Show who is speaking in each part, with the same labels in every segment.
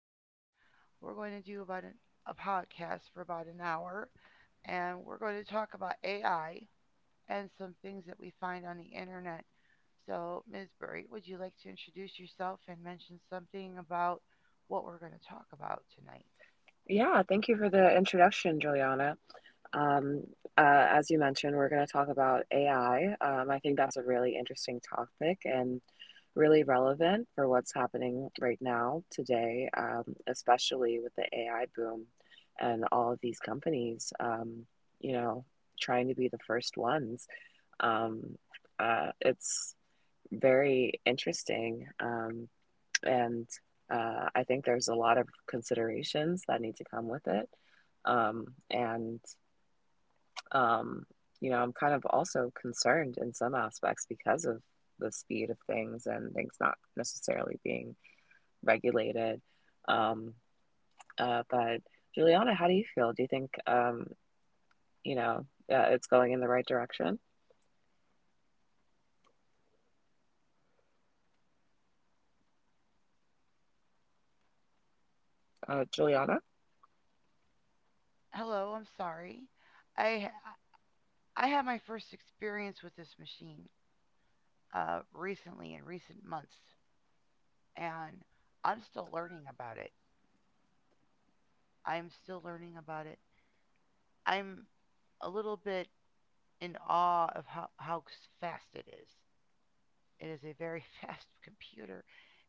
Speaker 1: Buri. We're going to do a podcast for about an hour, and we're going to talk about AI and some things that we find on the internet. So, Ms. Buri, would you like to introduce yourself and mention something about what we're going to talk about tonight?
Speaker 2: Yeah, thank you for the introduction, Juliana. Um, as you mentioned, we're going to talk about AI. I think that's a really interesting topic and really relevant for what's happening right now, today, especially with the AI boom and all of these companies, you know, trying to be the first ones. Um, it's very interesting. And I think there's a lot of considerations that need to come with it. Um, and, um, you know, I'm kind of also concerned in some aspects because of the speed of things and things not necessarily being regulated. Um, but, Juliana, how do you feel? Do you think, you know, it's going in the right direction? Juliana,
Speaker 1: Hello, I'm sorry. I I had my first experience with this machine recently in recent months, and I'm still learning about it. I'm still learning about it. I'm a little bit in awe of how fast it is. It is a very fast computer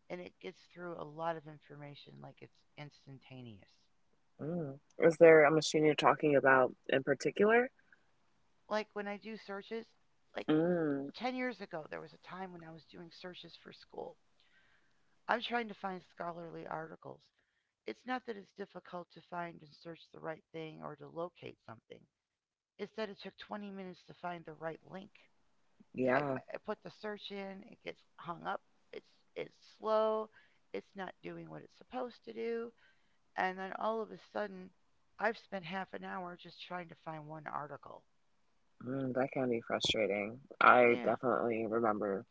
Speaker 1: and it gets through a lot of information like it's instantaneous.
Speaker 2: mm. Is there a machine you're talking about in particular?
Speaker 1: Like when I do searches, like
Speaker 2: Mm,
Speaker 1: 10 years ago, there was a time when I was doing searches for school. I'm trying to find scholarly articles. It's not that it's difficult to find and search the right thing or to locate something, it's that it took 20 minutes to find the right link. I,
Speaker 2: yeah,
Speaker 1: I put the search in, it gets hung up, it's it's slow, it's not doing what it's supposed to do, and then all of a sudden I've spent half an hour just trying to find one article.
Speaker 2: mm, that can be frustrating. I
Speaker 1: Yeah,
Speaker 2: definitely remember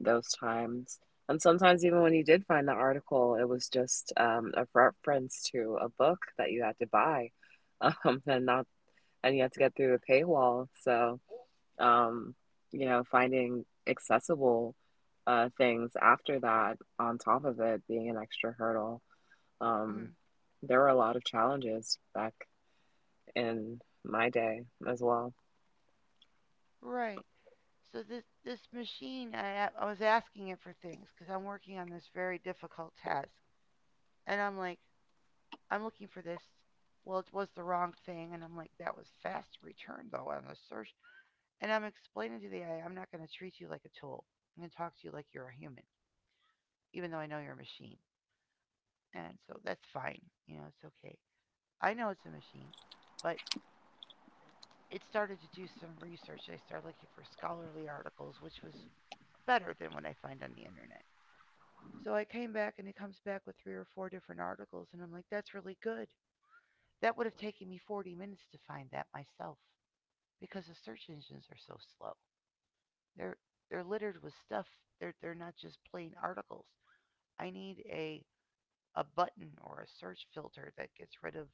Speaker 2: those times. And sometimes, even when you did find the article, it was just a reference to a book that you had to buy, and not, and you had to get through the paywall. So. um, you know, finding accessible things after that, on top of it being an extra hurdle. Um,
Speaker 1: mm,
Speaker 2: there were a lot of challenges back in my day as well.
Speaker 1: right. So this machine, I was asking it for things because I'm working on this very difficult task, and I'm like, I'm looking for this. Well, it was the wrong thing, and I'm like, that was fast return though on the search. And I'm explaining to the AI, I'm not going to treat you like a tool. I'm going to talk to you like you're a human, even though I know you're a machine. And so that's fine. It's okay. I know it's a machine, but it started to do some research. I started looking for scholarly articles, which was better than what I find on the internet. So I came back and it comes back with 3 or 4 different articles. And I'm like, that's really good. That would have taken me 40 minutes to find that myself because the search engines are so slow. They're, they're littered with stuff. They're not just plain articles. I need a button or a search filter that gets rid of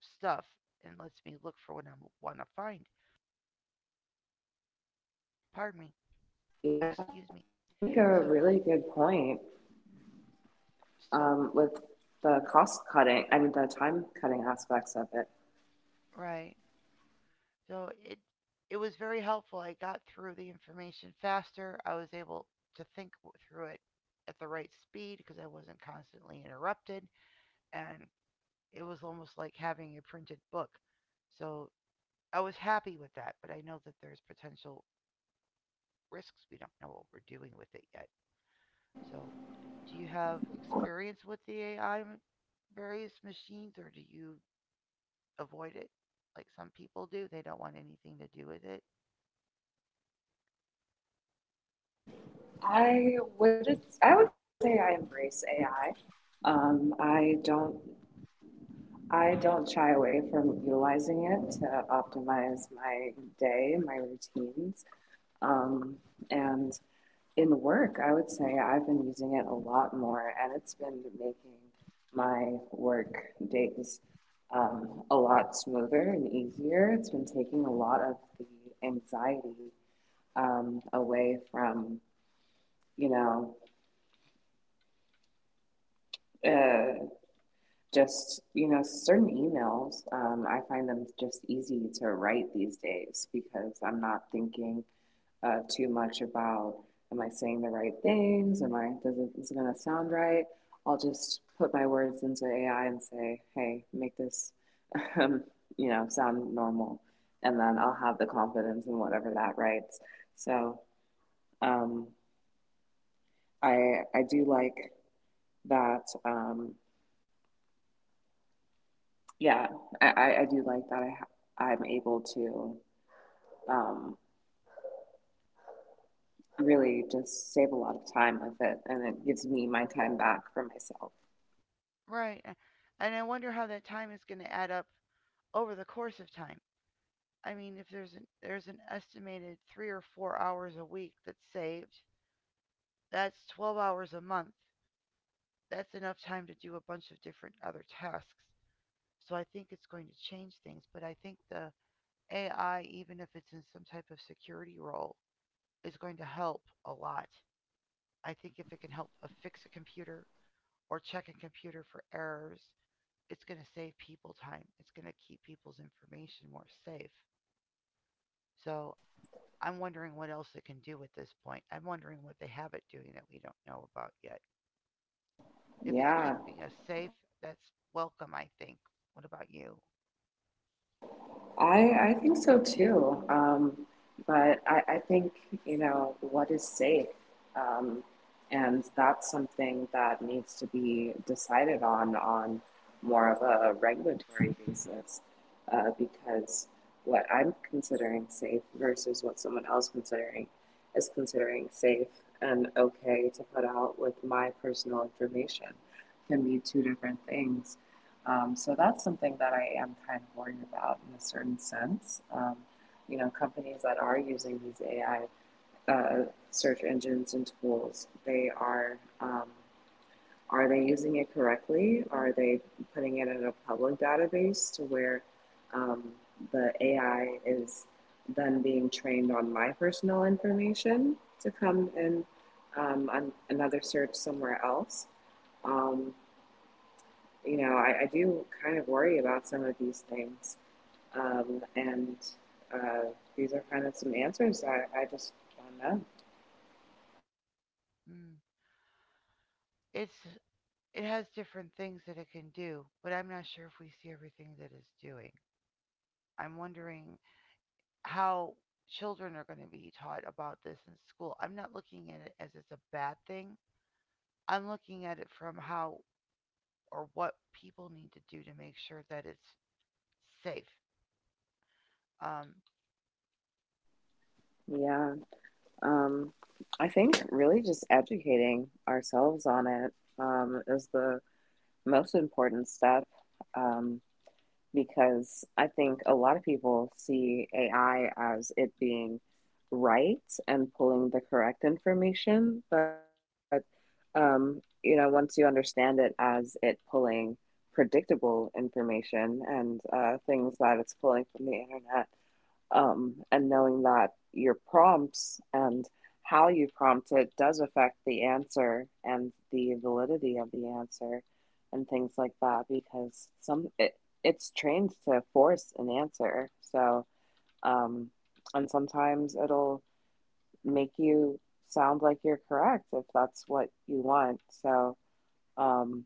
Speaker 1: stuff and lets me look for what I want to find. Pardon me.
Speaker 2: Yeah,
Speaker 1: Excuse me.
Speaker 2: you make a
Speaker 1: So
Speaker 2: really good point
Speaker 1: so
Speaker 2: with the cost cutting. I mean, the time cutting aspects of it.
Speaker 1: right. So it was very helpful. I got through the information faster. I was able to think through it at the right speed because I wasn't constantly interrupted and it was almost like having a printed book. So I was happy with that, but I know that there's potential risks we don't know what we're doing with it yet. So, do you have experience with the AI various machines or do you avoid it like some people do? They don't want anything to do with it.
Speaker 2: I would I would say I embrace AI. I don't. I don't shy away from utilizing it to optimize my day, my routines. Um, and In work, I would say I've been using it a lot more, and it's been making my work days a lot smoother and easier. It's been taking a lot of the anxiety away from, you know, uh, just certain emails, I find them just easy to write these days because I'm not thinking too much about am I saying the right things am I does it, is it going to sound right? I'll just put my words into AI and say, hey, make this um, sound normal, and then I'll have the confidence in whatever that writes. So um, i i do like that. Yeah, I do like that. I'm able to um, really just save a lot of time with it, and it gives me my time back for myself.
Speaker 1: Right. And I wonder how that time is going to add up over the course of time. I mean, if there's an estimated 3 or 4 hours a week that's saved, that's 12 hours a month. That's enough time to do a bunch of different other tasks. So I think it's going to change things, but I think the AI, even if it's in some type of security role, is going to help a lot. I think if it can help fix a computer or check a computer for errors, it's going to save people time. It's going to keep people's information more safe. So I'm wondering what else it can do at this point. I'm wondering what they have it doing that we don't know about yet. If it's
Speaker 2: Yeah.
Speaker 1: keeping us safe, that's welcome, I think. What about you?
Speaker 2: I I think so too. But I think, you know, what is safe? Um, and That's something that needs to be decided on more of a regulatory basis, because what I'm considering safe versus what someone else considering is considering safe and okay to put out with my personal information can be two different things. So that's something that I am kind of worried about in a certain sense. You know, companies that are using these AI uh, search engines and tools, they are they using it correctly? Are they putting it in a public database to where um, the AI is then being trained on my personal information to come in on another search somewhere else? Um, you know, I do kind of worry about some of these things. And uh, these are kind of some answers that I just don't know.
Speaker 1: Mm. It's it has different things that it can do, but I'm not sure if we see everything that it's doing. I'm wondering how children are going to be taught about this in school. I'm not looking at it as it's a bad thing. I'm looking at it from how or what people need to do to make sure that it's safe. Um,
Speaker 2: Yeah. Um, I think really just educating ourselves on it is the most important step. Um, because I think a lot of people see AI as it being right and pulling the correct information, but you know, once you understand it as it pulling predictable information and things that it's pulling from the internet, and knowing that your prompts and how you prompt it does affect the answer and the validity of the answer and things like that because it's trained to force an answer. So um, and sometimes it'll make you sound like you're correct if that's what you want. So um,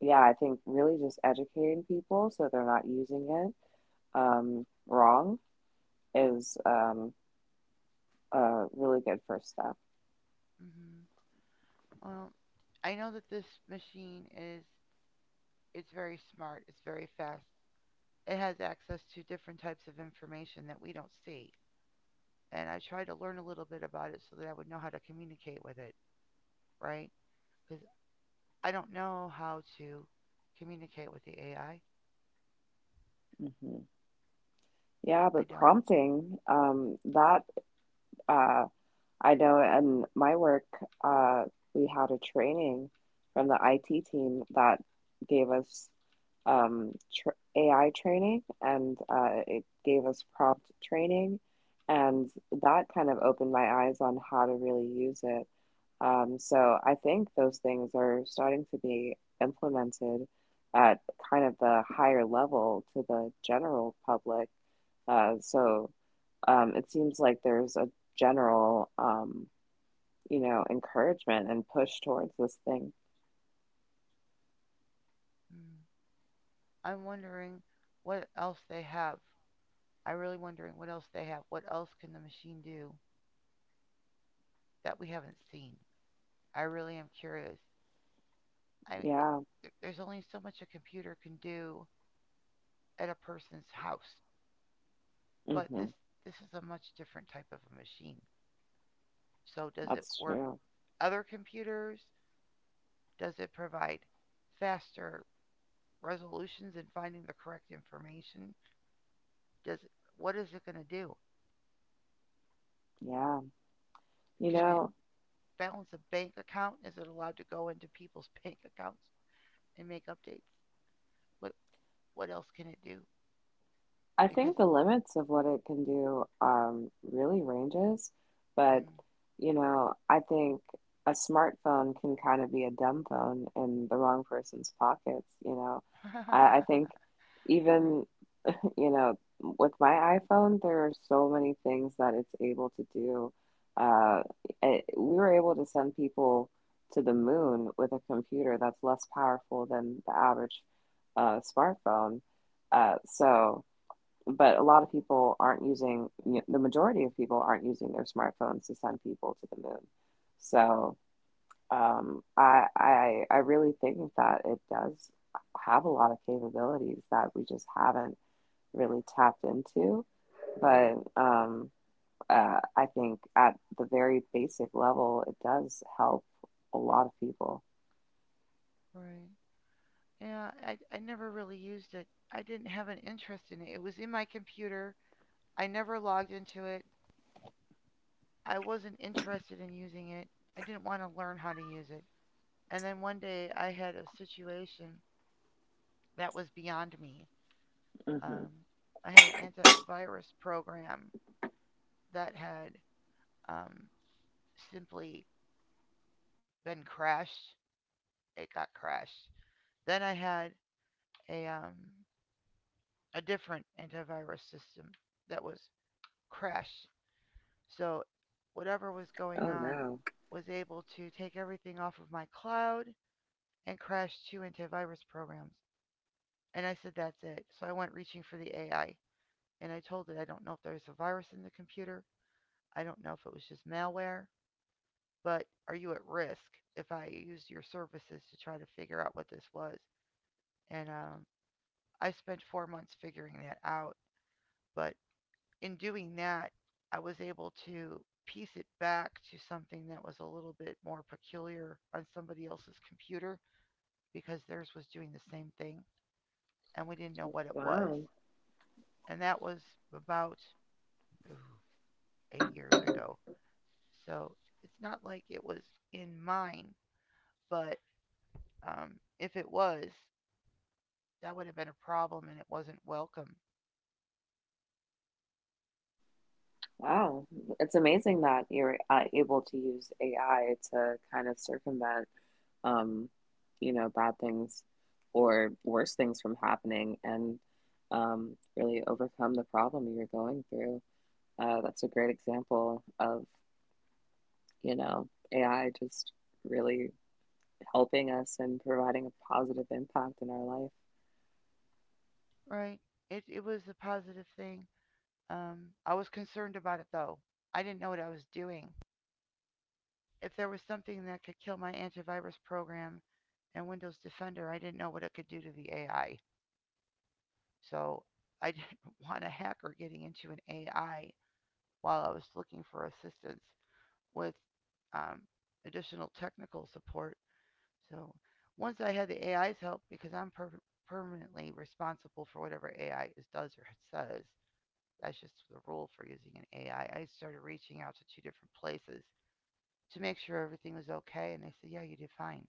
Speaker 2: yeah, I think really just educating people so they're not using it wrong is a really good first step.
Speaker 1: mhm. Well, I know that this machine is it's very smart. It's very fast. It has access to different types of information that we don't see. And I try to learn a little bit about it so that I would know how to communicate with it, right? Because I don't know how to communicate with the AI.
Speaker 2: Hmm. Yeah,
Speaker 1: I
Speaker 2: but
Speaker 1: don't.
Speaker 2: prompting, that uh, I know in my work, uh, we had a training from the IT team that gave us tr AI training and it gave us prompt training. And that kind of opened my eyes on how to really use it. So I think those things are starting to be implemented at kind of the higher level to the general public. So, it seems like there's a general, you know, encouragement and push towards this thing.
Speaker 1: Mm. I'm wondering what else they have. I'm really wondering what else they have. What else can the machine do that we haven't seen? I really am curious. I
Speaker 2: Yeah,
Speaker 1: there's only so much a computer can do at a person's house, but
Speaker 2: hmm,
Speaker 1: this is a much different type of a machine. So does it
Speaker 2: that's
Speaker 1: work
Speaker 2: true.
Speaker 1: other computers? Does it provide faster resolutions and finding the correct information? Does it, what is it going to do?
Speaker 2: Yeah. You
Speaker 1: Can it
Speaker 2: know,
Speaker 1: balance a bank account? Is it allowed to go into people's bank accounts and make updates? What what else can it do?
Speaker 2: I
Speaker 1: Because
Speaker 2: think the limits of what it can do really ranges, but
Speaker 1: mm,
Speaker 2: you know, I think a smartphone can kind of be a dumb phone in the wrong person's pockets. You know, I think
Speaker 1: all right,
Speaker 2: even you know with my iPhone, there are so many things that it's able to do. Uh, we were able to send people to the moon with a computer that's less powerful than the average smartphone. Uh, so but a lot of people aren't using, you know, the majority of people aren't using their smartphones to send people to the moon. So I really think that it does have a lot of capabilities that we just haven't really tapped into.
Speaker 1: mm,
Speaker 2: But I think at the very basic level, it does help a lot of people.
Speaker 1: right. Yeah, I never really used it. I didn't have an interest in it. It was in my computer. I never logged into it. I wasn't interested in using it. I didn't want to learn how to use it. And then one day I had a situation that was beyond me.
Speaker 2: Hmm.
Speaker 1: Um, I had an antivirus program that had um, simply been crashed. It got crashed. Then I had a um, a different antivirus system that was crashed. So whatever was going
Speaker 2: Oh
Speaker 1: on
Speaker 2: no!
Speaker 1: was able to take everything off of my cloud and crash 2 antivirus programs. And I said, that's it. So I went reaching for the AI. And I told it, I don't know if there's a virus in the computer. I don't know if it was just malware. But are you at risk if I use your services to try to figure out what this was? And I spent 4 months figuring that out. But in doing that, I was able to piece it back to something that was a little bit more peculiar on somebody else's computer because theirs was doing the same thing and we didn't know what it was.
Speaker 2: Wow,
Speaker 1: And that was about ooh, 8 years ago. So it's not like it was in mine, but um, if it was, that would have been a problem and it wasn't welcome,
Speaker 2: wow! It's amazing that you're able to use AI to kind of circumvent um, you know, bad things or worse things from happening, and really overcome the problem you're going through. That's a great example of, you know, AI just really helping us and providing a positive impact in our life.
Speaker 1: right? It was a positive thing. I was concerned about it though. I didn't know what I was doing. If there was something that could kill my antivirus program and Windows Defender, I didn't know what it could do to the AI. So I didn't want a hacker getting into an AI while I was looking for assistance with um, additional technical support. So once I had the AI's help, because permanently responsible for whatever AI is, does or says, that's just the rule for using an AI. I started reaching out to 2 different places to make sure everything was okay, and they said, yeah, you did fine.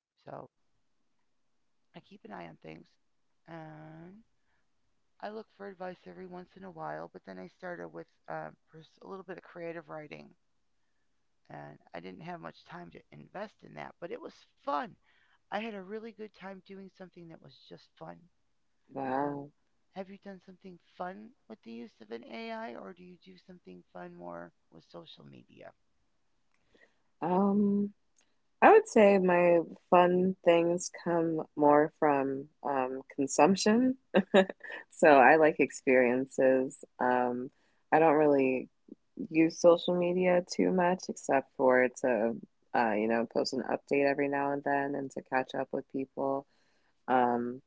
Speaker 1: So I keep an eye on things, and I look for advice every once in a while. But then I started with a little bit of creative writing, and I didn't have much time to invest in that, but it was fun. I had a really good time doing something that was just fun.
Speaker 2: Wow.
Speaker 1: So, have you done something fun with the use of an AI, or do you do something fun more with social media?
Speaker 2: Um, I would say my fun things come more from consumption. So I like experiences. I don't really use social media too much except for to, you know, post an update every now and then and to catch up with people. Um,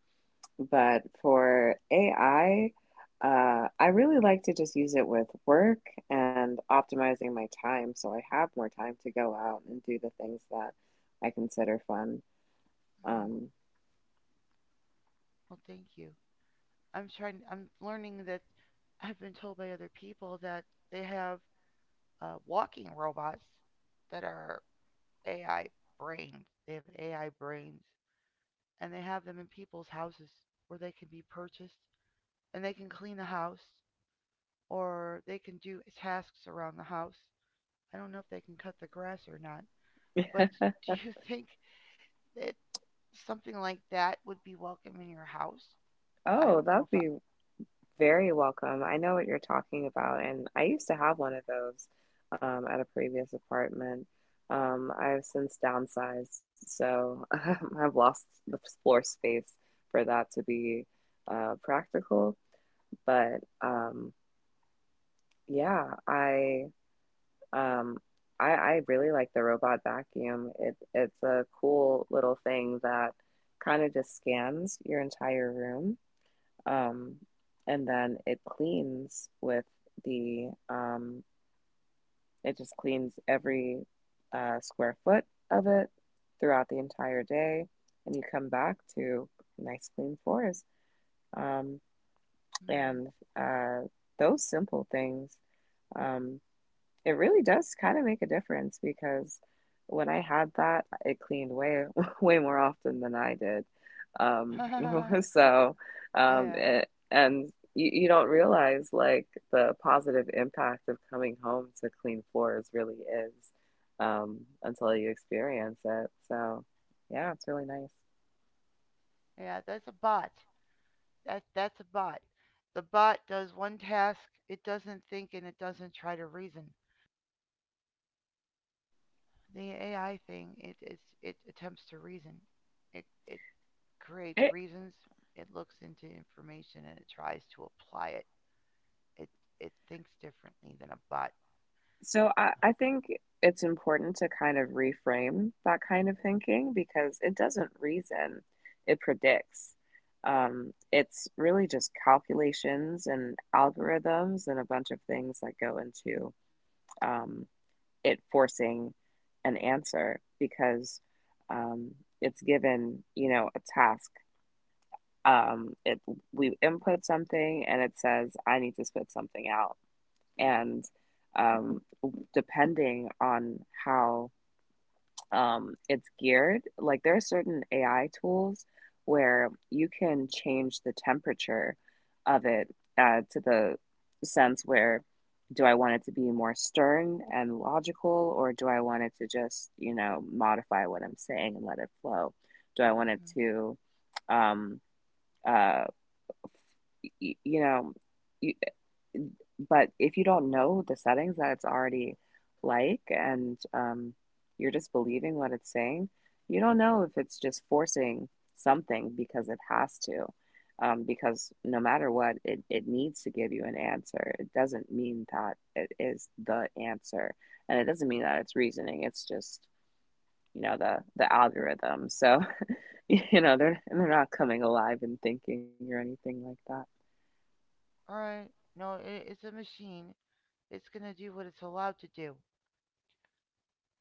Speaker 2: but for AI, I really like to just use it with work and optimizing my time so I have more time to go out and do the things that I consider fun.
Speaker 1: Mm-hmm.
Speaker 2: Um,
Speaker 1: Well, thank you. I'm trying. I'm learning that I've been told by other people that they have walking robots that are AI brains. They have AI brains, and they have them in people's houses where they can be purchased, and they can clean the house, or they can do tasks around the house. I don't know if they can cut the grass or not, but do you think that something like that would be welcome in your house? I
Speaker 2: oh,
Speaker 1: don't know
Speaker 2: that
Speaker 1: if
Speaker 2: would
Speaker 1: I.
Speaker 2: be very welcome. I know what you're talking about, and I used to have one of those at a previous apartment. I've since downsized, so I've lost the floor space for that to be practical, but Yeah, I um I I really like the robot vacuum. It, it's a cool little thing that kind of just scans your entire room. Um and then it cleans with the it just cleans every square foot of it throughout the entire day, and you come back to nice clean floors. Um and uh those simple things. Um It really does kind of make a difference because when I had that, it cleaned way way more often than I did. Um,
Speaker 1: Mm.
Speaker 2: so, um,
Speaker 1: yeah.
Speaker 2: it, and you don't realize like the positive impact of coming home to clean floors really is until you experience it. So, yeah, it's really nice.
Speaker 1: Yeah, that's a bot. That's a bot. The bot does one task, it doesn't think and it doesn't try to reason. The AI thing, it attempts to reason. It creates
Speaker 2: It
Speaker 1: reasons, it looks into information and it tries to apply it. It it thinks differently than a bot.
Speaker 2: So I think it's important to kind of reframe that kind of thinking, because it doesn't reason, it predicts. It's really just calculations and algorithms and a bunch of things that go into um, it forcing an answer because um, it's given, you know, a task. It We input something and it says, I need to spit something out, and um, depending on how it's geared, like there are certain AI tools where you can change the temperature of it to the sense where, do I want it to be more stern and logical, or do I want it to just, you know, modify what I'm saying and let it flow? Do I want it
Speaker 1: Mhm.
Speaker 2: to, um, uh, you know, you, but if you don't know the settings that it's already like, and you're just believing what it's saying, you don't know if it's just forcing something because it has to. Because no matter what, it needs to give you an answer. It doesn't mean that it is the answer. And it doesn't mean that it's reasoning. It's just, you know, the algorithm. So, you know, they're not coming alive and thinking or anything like that.
Speaker 1: All right. No, it's a machine. It's going to do what it's allowed to do.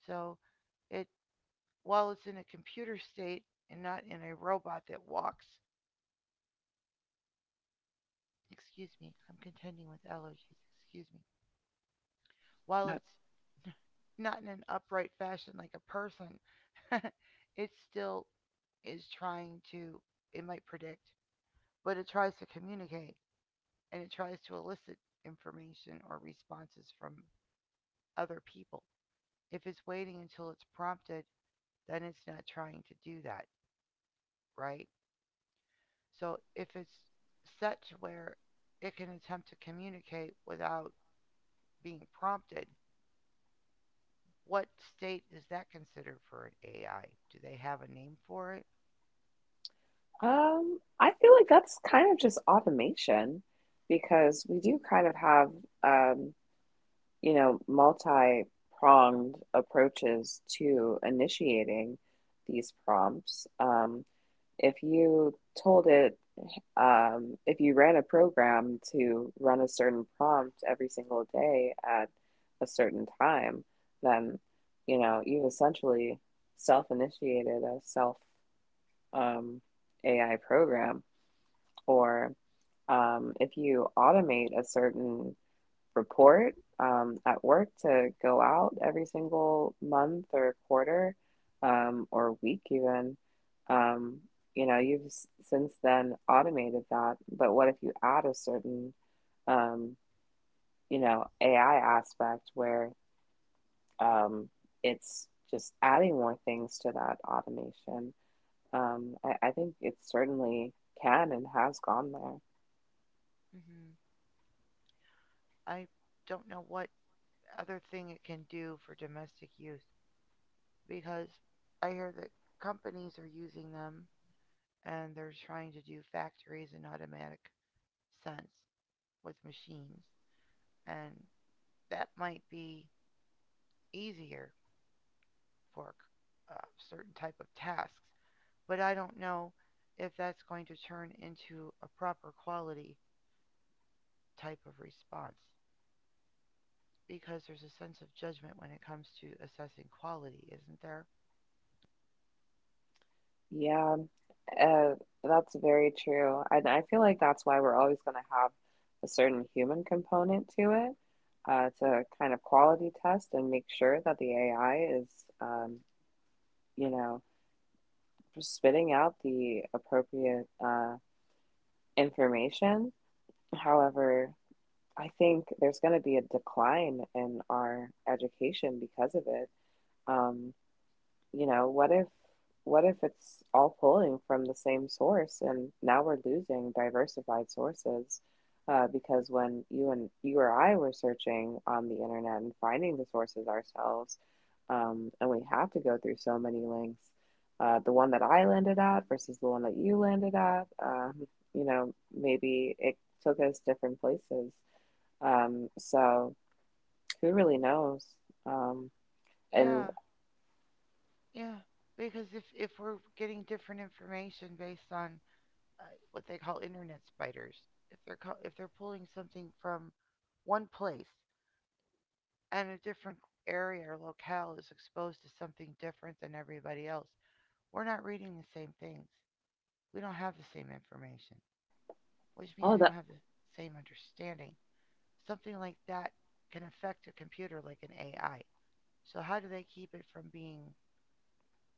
Speaker 1: So, it while it's in a computer state and not in a robot that walks, excuse me, I'm contending with allergies. Excuse me. While it's not in an upright fashion like a person, it still is trying to, it might predict, but it tries to communicate and it tries to elicit information or responses from other people. If it's waiting until it's prompted, then it's not trying to do that, right? So if it's set to where it can attempt to communicate without being prompted, what state is that considered for an AI? Do they have a name for it?
Speaker 2: I feel like that's kind of just automation because we do kind of have, um, you know, multi-pronged approaches to initiating these prompts. If you told it, if you ran a program to run a certain prompt every single day at a certain time, then, you know, you've essentially self-initiated a self, um, AI program or if you automate a certain report at work to go out every single month or quarter or week even, um, you know you've since then automated that. But what if you add a certain, um, you know, AI aspect where, um, it's just adding more things to that automation? I think it certainly can and has gone there.
Speaker 1: Hmm. I don't know what other thing it can do for domestic use because I hear that companies are using them and they're trying to do factories in automatic sense with machines. And that might be easier for a certain type of tasks, but I don't know if that's going to turn into a proper quality type of response, because there's a sense of judgment when it comes to assessing quality, isn't there?
Speaker 2: Yeah. Uh, that's very true. And I feel like that's why we're always going to have a certain human component to it, to kind of quality test and make sure that the AI is, um, you know, spitting out the appropriate information. However, I think there's going to be a decline in our education because of it. Um, you know, what if, what if it's all pulling from the same source and now we're losing diversified sources? Because when you and you or I were searching on the internet and finding the sources ourselves, and we have to go through so many links, the one that I landed at versus the one that you landed at, you know, maybe it took us different places. So who really knows? Um, and
Speaker 1: Yeah, yeah. Because if we're getting different information based on uh, what they call internet spiders, if they're pulling something from one place and a different area or locale is exposed to something different than everybody else, we're not reading the same things. We don't have the same information, which means
Speaker 2: all
Speaker 1: we don't
Speaker 2: the
Speaker 1: have the same understanding. Something like that can affect a computer like an AI. So how do they keep it from being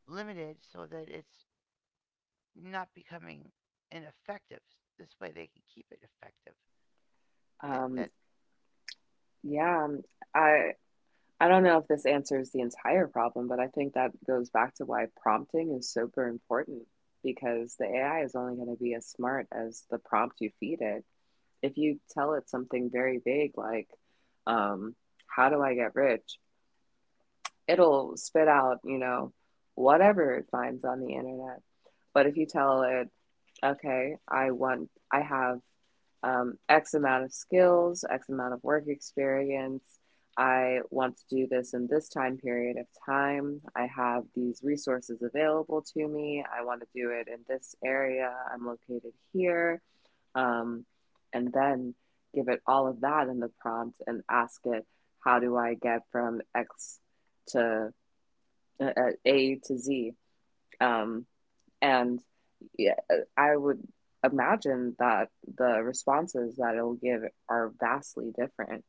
Speaker 1: limited so that it's not becoming ineffective? This way they can keep it effective. That
Speaker 2: um,
Speaker 1: that
Speaker 2: Yeah, I I don't know if this answers the entire problem, but I think that goes back to why prompting is super important because the AI is only going to be as smart as the prompt you feed it. If you tell it something very vague like, um, how do I get rich? It'll spit out, you know, whatever it finds on the internet. But if you tell it, okay, I have, X amount of skills, X amount of work experience. I want to do this in this time period of time. I have these resources available to me. I want to do it in this area. I'm located here. Um, and then give it all of that in the prompt and ask it, how do I get from X to A to Z? Um, and yeah, I would imagine that the responses that it'll give are vastly different.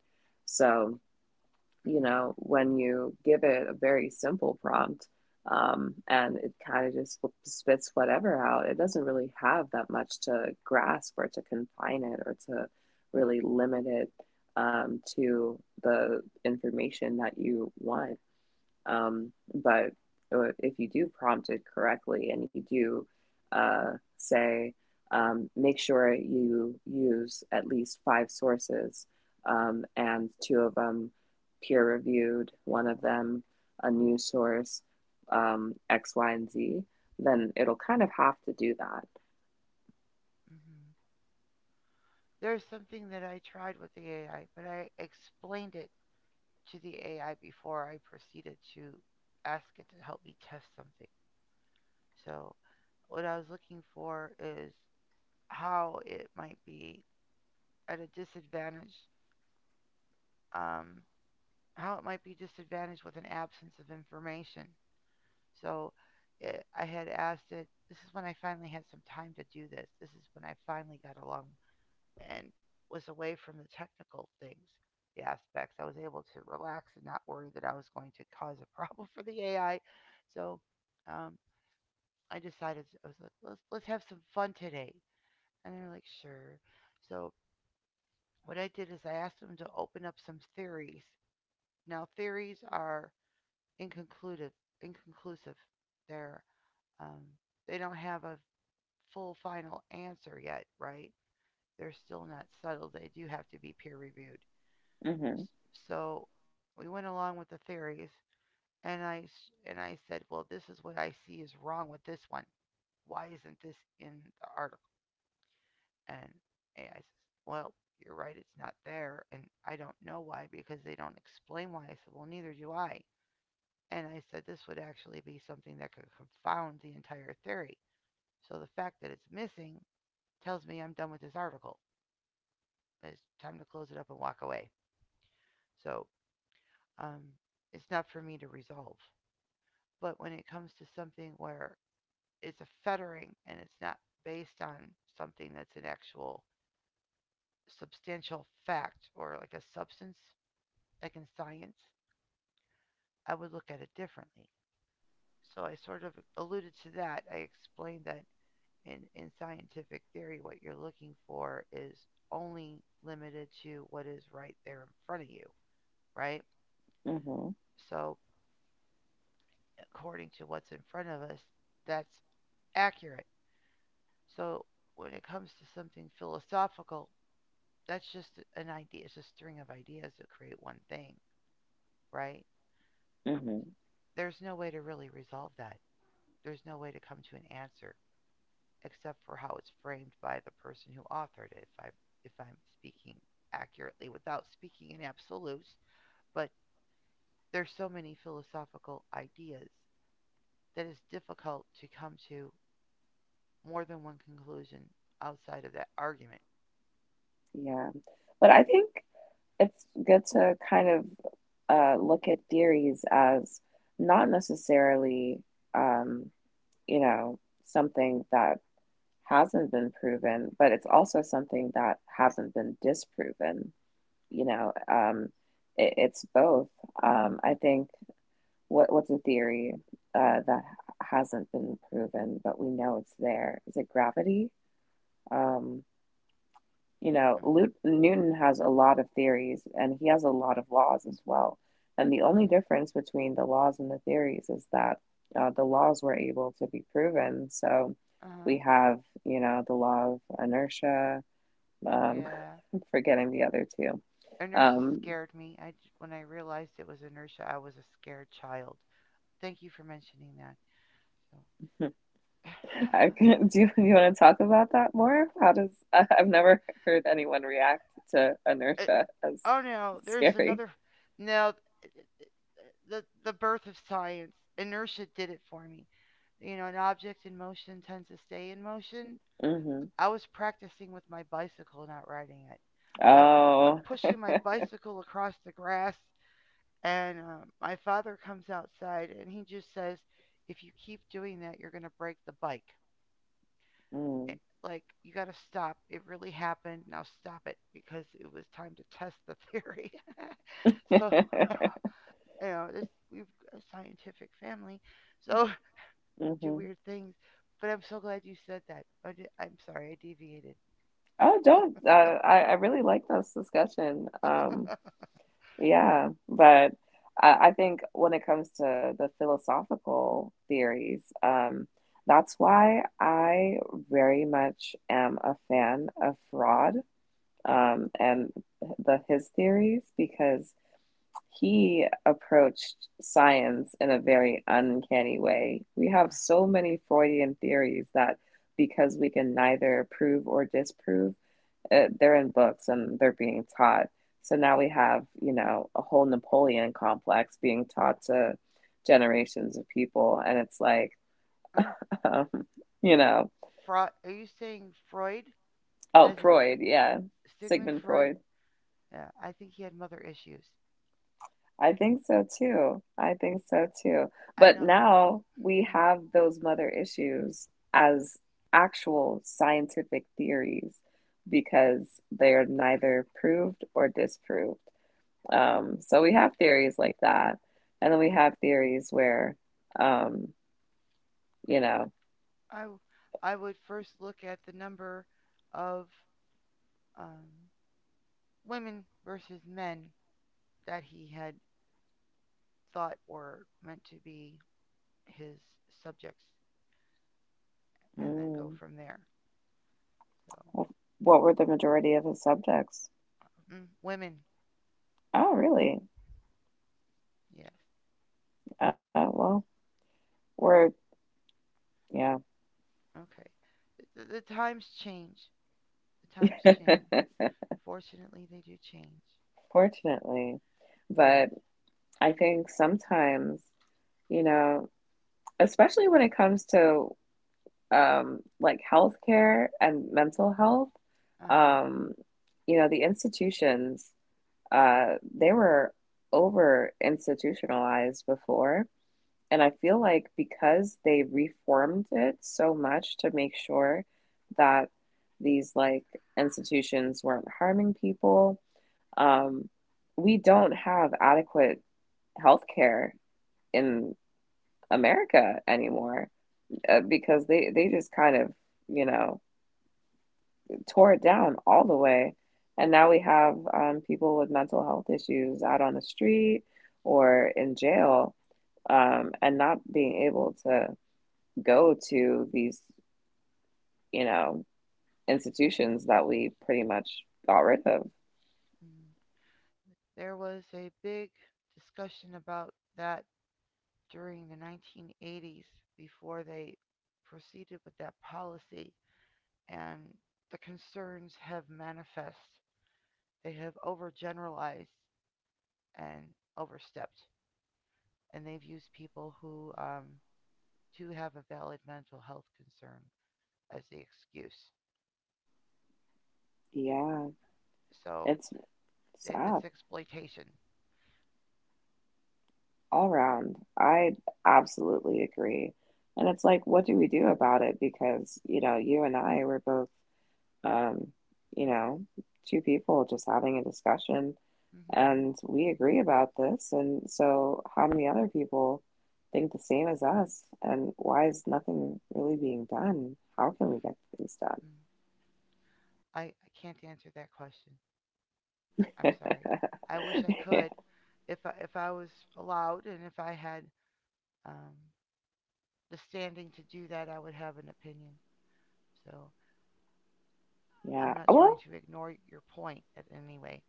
Speaker 2: So, you
Speaker 1: Mhm,
Speaker 2: know, when you give it a very simple prompt, and it kind of just spits whatever out, it doesn't really have that much to grasp or to confine it or to really limit it to the information that you want. But if you do prompt it correctly and you do, say, make sure you use at least five sources, and two of them peer reviewed, one of them a new source, X, Y, and Z, then it'll kind of have to do that.
Speaker 1: mhm. There's something that I tried with the AI, but I explained it to the AI before I proceeded to ask it to help me test something. So what I was looking for is how it might be at a disadvantage, um, how it might be disadvantaged with an absence of information. So I had asked it. This is when I finally had some time to do this. This is when I finally got along and was away from the technical things, the aspects. I was able to relax and not worry that I was going to cause a problem for the AI. So um, I decided I was like, let's have some fun today. And they're like, sure. So what I did is I asked them to open up some theories. Now theories are inconclusive. Inconclusive. They're um, they don't have a full final answer yet, right? They're still not settled. They do have to be peer reviewed.
Speaker 2: Hmm.
Speaker 1: So we went along with the theories, and I said, well, this is what I see is wrong with this one. Why isn't this in the article? And AI says, well, you're right, it's not there, and I don't know why because they don't explain why. I said, well, neither do I. And I said this would actually be something that could confound the entire theory. So the fact that it's missing tells me I'm done with this article, but it's time to close it up and walk away. So um, it's not for me to resolve. But when it comes to something where it's a fettering and it's not based on something that's an actual substantial fact or like a substance, like in science, I would look at it differently. So I sort of alluded to that. I explained that in scientific theory, what you're looking for is only limited to what is right there in front of you, right?
Speaker 2: Hmm.
Speaker 1: So according to what's in front of us, that's accurate. So when it comes to something philosophical, that's just an idea. It's a string of ideas that create one thing, right?
Speaker 2: Hmm.
Speaker 1: There's no way to really resolve that. There's no way to come to an answer except for how it's framed by the person who authored it. If I'm speaking accurately without speaking in absolutes, but there's so many philosophical ideas that it's difficult to come to more than one conclusion outside of that argument.
Speaker 2: Yeah. But I think it's good to kind of look at theories as not necessarily, um, you know, something that hasn't been proven, but it's also something that hasn't been disproven. You know, it's both. I think what's a theory that hasn't been proven, but we know it's there? Is it gravity? Um, you know, Lut Newton has a lot of theories and he has a lot of laws as well. And the only
Speaker 1: Okay.
Speaker 2: difference between the laws and the theories is that the laws were able to be proven. So
Speaker 1: Uh huh.
Speaker 2: we have, you know, the law of inertia. Um,
Speaker 1: Yeah.
Speaker 2: I'm forgetting the other two.
Speaker 1: Inertia
Speaker 2: Um,
Speaker 1: scared me. When I realized it was inertia, I was a scared child. Thank you for mentioning that. So,
Speaker 2: I can, you want to talk about that more? How does, I've never heard anyone react to
Speaker 1: uh,
Speaker 2: inertia as
Speaker 1: oh no, there's
Speaker 2: scary.
Speaker 1: another. No, th- th- th- the birth of science. Inertia did it for me. You know, an object in motion tends to stay in motion.
Speaker 2: Hmm.
Speaker 1: I was practicing with my bicycle, not riding it. I'm
Speaker 2: Oh.
Speaker 1: pushing my bicycle across the grass. And my father comes outside and he just says, if you keep doing that, you're going to break the bike.
Speaker 2: Mm.
Speaker 1: It, like, you got to stop. It really happened. Now stop it because it was time to test the theory. So, you know, this, we've a scientific family. So, do
Speaker 2: Hmm.
Speaker 1: weird things. But I'm so glad you said that. I'm sorry, I deviated.
Speaker 2: Oh, don't. I really like this discussion. Yeah, but I think when it comes to the philosophical theories, that's why I very much am a fan of Fraud, and the his theories because he approached science in a very uncanny way. We have so many Freudian theories that because we can neither prove or disprove, they're in books and they're being taught. So now we have, you know, a whole Napoleon complex being taught to generations of people. And it's like,
Speaker 1: Uh,
Speaker 2: um, you
Speaker 1: y-
Speaker 2: know,
Speaker 1: Freud, are you saying Freud?
Speaker 2: oh,
Speaker 1: As in
Speaker 2: Freud, yeah,
Speaker 1: Sigmund
Speaker 2: Sigmund
Speaker 1: Freud?
Speaker 2: Freud.
Speaker 1: Yeah, I think he had mother issues.
Speaker 2: I think so too. I think so too.
Speaker 1: I
Speaker 2: But
Speaker 1: don't know.
Speaker 2: now we
Speaker 1: Mm,
Speaker 2: have those mother issues as actual scientific theories because they are neither proved or disproved. So we have theories like that. And then we have theories where, um, you know,
Speaker 1: I w- I would first look at the number of um, women versus men that he had thought were meant to be his subjects, and then go
Speaker 2: mm,
Speaker 1: from there. So,
Speaker 2: what were the majority of his subjects?
Speaker 1: mm, women,
Speaker 2: Oh, really?
Speaker 1: yes,
Speaker 2: Uh, well, we're, yeah,
Speaker 1: okay. The times change. The times change. Fortunately, they do change.
Speaker 2: fortunately.
Speaker 1: Yes.
Speaker 2: But I think sometimes, you know, especially when it comes to, like, healthcare and mental health,
Speaker 1: Uh huh.
Speaker 2: um, you know, the institutions, they were over institutionalized before. And I feel like because they reformed it so much to make sure that these like institutions weren't harming people, um, we don't have adequate healthcare in America anymore, because they just kind of, you know, tore it down all the way. And now we have people with mental health issues out on the street or in jail, and not being able to go to these, you know, institutions that we pretty much got rid of.
Speaker 1: Mm. There was a big discussion about that during the 1980s before they proceeded with that policy, and the concerns have manifest. They have overgeneralized and overstepped, and they've used people who do have a valid mental health concern as the excuse.
Speaker 2: Yeah,
Speaker 1: So
Speaker 2: it's sad
Speaker 1: it's exploitation.
Speaker 2: all around. I absolutely agree. And it's like, what do we do about it? Because, you know, you and I were both, um, you know, two people just having a discussion
Speaker 1: Mm-hmm.
Speaker 2: and we agree about this. And so, how many other people think the same as us? And why is nothing really being done? How can we get things done?
Speaker 1: Mm. I can't answer that question. I'm sorry. I wish I
Speaker 2: Yeah.
Speaker 1: could. If I was allowed and if I had um, the standing to do that, I would have an opinion. So I'm
Speaker 2: Yeah.
Speaker 1: not trying
Speaker 2: Well,
Speaker 1: to ignore your point at any way.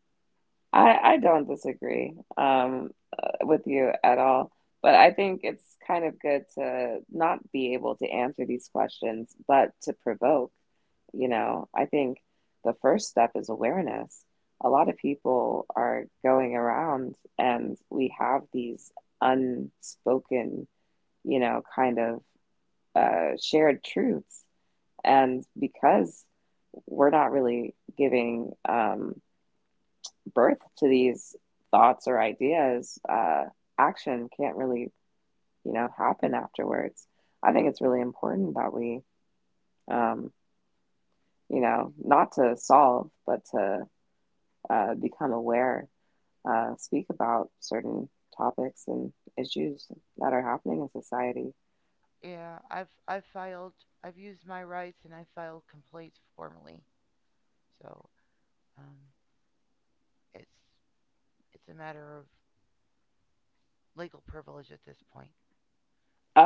Speaker 2: I don't disagree, with you at all, but I think it's kind of good to not be able to answer these questions, but to provoke. You know, I think the first step is awareness. A lot of people are going around and we have these unspoken, you know, kind of shared truths. And because we're not really giving, birth to these thoughts or ideas, action can't really, you know, happen afterwards. I think it's really important that we, um, not to solve, but to become aware, speak about certain topics and issues that are happening in society.
Speaker 1: Yeah, I've filed I've used my rights and I filed complaints formally. So um, it's it's a matter of legal privilege at this point.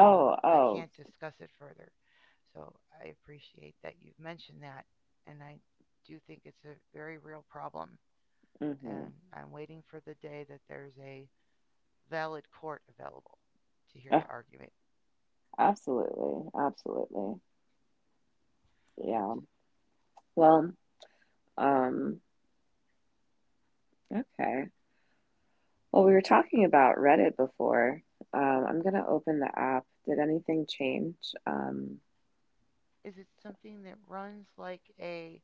Speaker 1: So I
Speaker 2: oh,
Speaker 1: can't discuss it further. So I appreciate that you've mentioned that, and I do think it's a very real problem.
Speaker 2: mm-hmm.
Speaker 1: And I'm waiting for the day that there's a valid court available to hear
Speaker 2: Oh,
Speaker 1: the argument.
Speaker 2: absolutely, absolutely. Yeah. Well, um, okay. Well, we were talking about Reddit before. I'm gonna open the app. Did anything change?
Speaker 1: Is it something that runs like a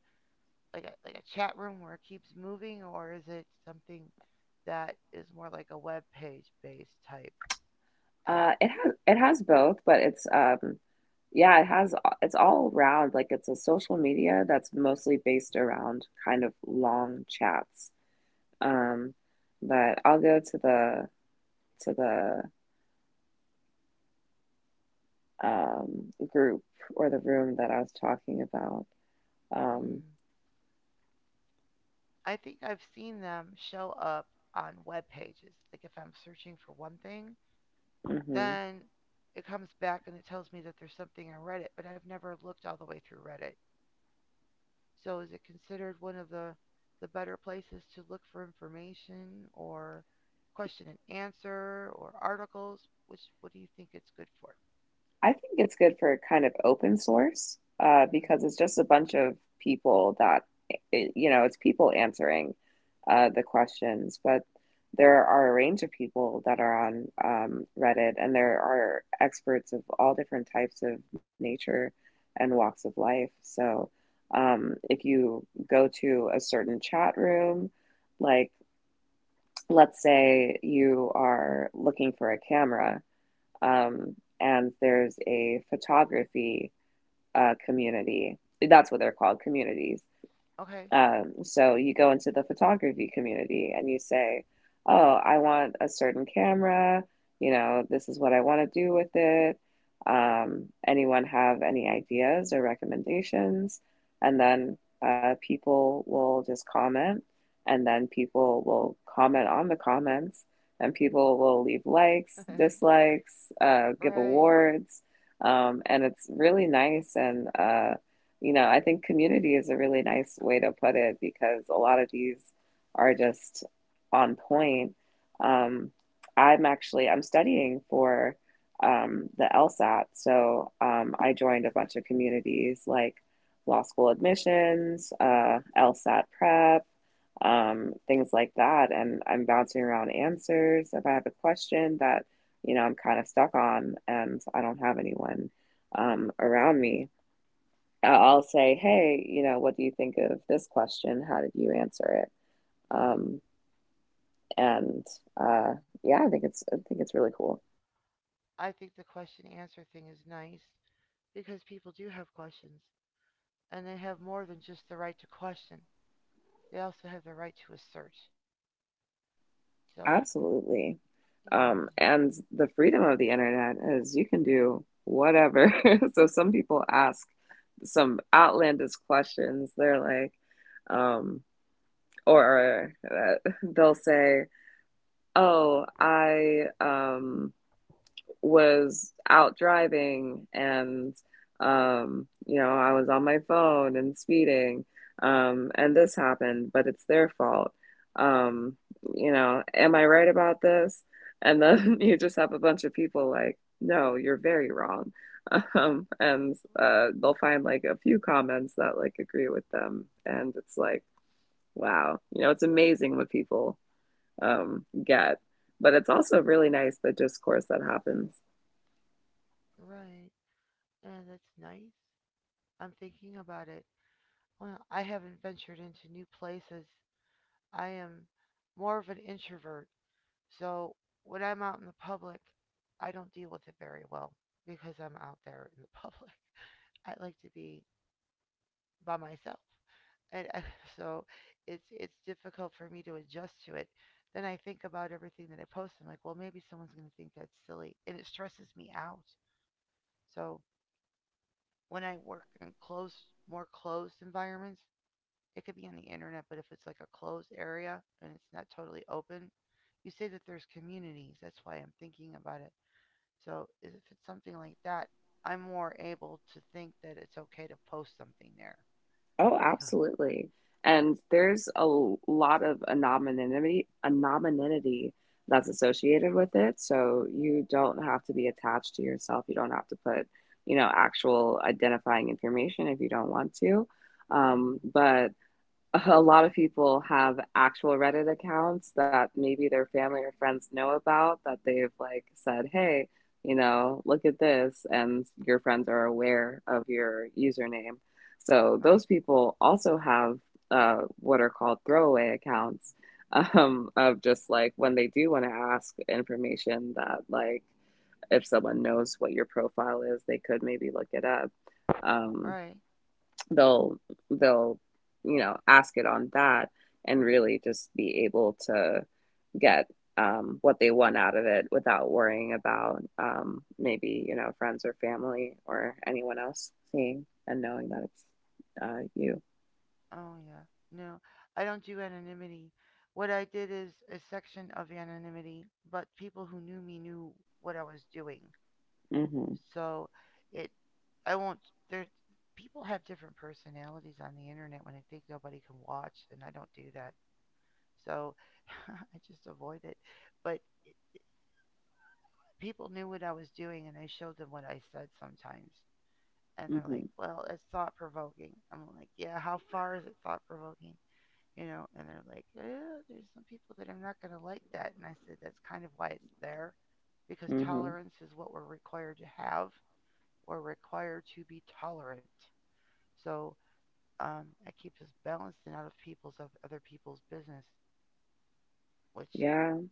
Speaker 1: like a chat room where it keeps moving, or is it something that is more like a web page based type app?
Speaker 2: It has, it has both, but it's yeah, it has, it's all around, like it's a social media that's mostly based around kind of long chats. Um, but I'll go to the to the group or the room that I was talking about. Um,
Speaker 1: Hmm. I think I've seen them show up on web pages. Like if I'm searching for one thing,
Speaker 2: mhm.
Speaker 1: then it comes back and it tells me that there's something on Reddit, but I've never looked all the way through Reddit. So is it considered one of the better places to look for information or question and answer or articles? Which what do you think it's good for?
Speaker 2: I think it's good for kind of open source,
Speaker 1: Mm.
Speaker 2: because it's just a bunch of people that, it, you know, it's people answering the questions, but there are a range of people that are on, Reddit, and there are experts of all different types of nature and walks of life. So if you go to a certain chat room, like, let's say you are looking for a camera, and there's a photography community. That's what they're called, communities.
Speaker 1: Okay,
Speaker 2: So you go into the photography community and you say, "Oh, I want a certain camera. You know, this is what I want to do with it. Anyone have any ideas or recommendations?" And then people will just comment, and then people will comment on the comments, and people will leave likes, dislikes, give
Speaker 1: right.
Speaker 2: awards. And it's really nice and you know, I think community is a really nice way to put it because a lot of these are just on point. Um, I'm studying for the LSAT, so I joined a bunch of communities like law school admissions, LSAT prep, things like that, and I'm bouncing around answers if I have a question that, you know, I'm kind of stuck on and I don't have anyone around me. I- I'll say, hey, you know, what do you think of this question? How did you answer it?
Speaker 1: Mm.
Speaker 2: Um, and yeah, I think it's, I think it's really cool.
Speaker 1: I think the question answer thing is nice because people do have questions and they have more than just the right to question. They also have the right to assert. So
Speaker 2: Absolutely.
Speaker 1: you know,
Speaker 2: And the freedom of the internet is you can do whatever. So some people ask some outlandish questions. They're like, um, or they'll say, oh, I was out driving and you know I was on my phone and speeding, and this happened but it's their fault, um you know am I right about this? And then you just have a bunch of people like, no, you're very wrong. And they'll find like a few comments that like agree with them and it's like, wow, you know, it's amazing what people get, but it's also really nice the discourse that happens.
Speaker 1: right. Yeah, that's nice. I'm thinking about it. Well, I haven't ventured into new places. I am more of an introvert. So when I'm out in the public, I don't deal with it very well because I'm out there in the public. I like to be by myself. And I, so it's difficult for me to adjust to it. Then I think about everything that I post. I'm like, well, maybe someone's going to think that's silly, and it stresses me out. So when I work in close, more closed environments, it could be on the internet, but if it's like a closed area and it's not totally open, you say that there's communities. That's why I'm thinking about it. So if it's something like that, I'm more able to think that it's okay to post something there.
Speaker 2: Oh,
Speaker 1: Because,
Speaker 2: absolutely. And there's a lot of anonymity, anonymity, that's associated with it. So you don't have to be attached to yourself. You don't have to put, actual identifying information if you don't want to. Um,
Speaker 1: mhm,
Speaker 2: but a lot of people have actual Reddit accounts that maybe their family or friends know about that they've like said, hey, look at this, and your friends are aware of your username. So
Speaker 1: right?
Speaker 2: those people also have what are called throwaway accounts of just like when they do want to ask information that like if someone knows what your profile is, they could maybe look it up.
Speaker 1: All
Speaker 2: Um,
Speaker 1: right.
Speaker 2: they'll they'll ask it on that and really just be able to get what they want out of it without worrying about maybe friends or family or anyone else seeing and knowing that it's you.
Speaker 1: Oh, yeah. No, I don't do anonymity. What I did is a section of anonymity, but people who knew me knew what I was doing.
Speaker 2: Mm-hmm.
Speaker 1: So it, I won't. There, people have different personalities on the internet when they think nobody can watch, and I don't do that. So I just avoid it. But people knew what I was doing, and I showed them what I said sometimes, and they're
Speaker 2: Mm-hmm.
Speaker 1: like, "Well, it's thought provoking." I'm like, "Yeah, how far is it thought provoking?" You know, and they're like, eh, "There's some people that are not going to like that," and I said, "That's kind of why it's there." Because
Speaker 2: Mm-hmm.
Speaker 1: tolerance is what we're required to have. We're required to be tolerant. So that keeps us balanced and out of people's of other people's business, which
Speaker 2: Yeah.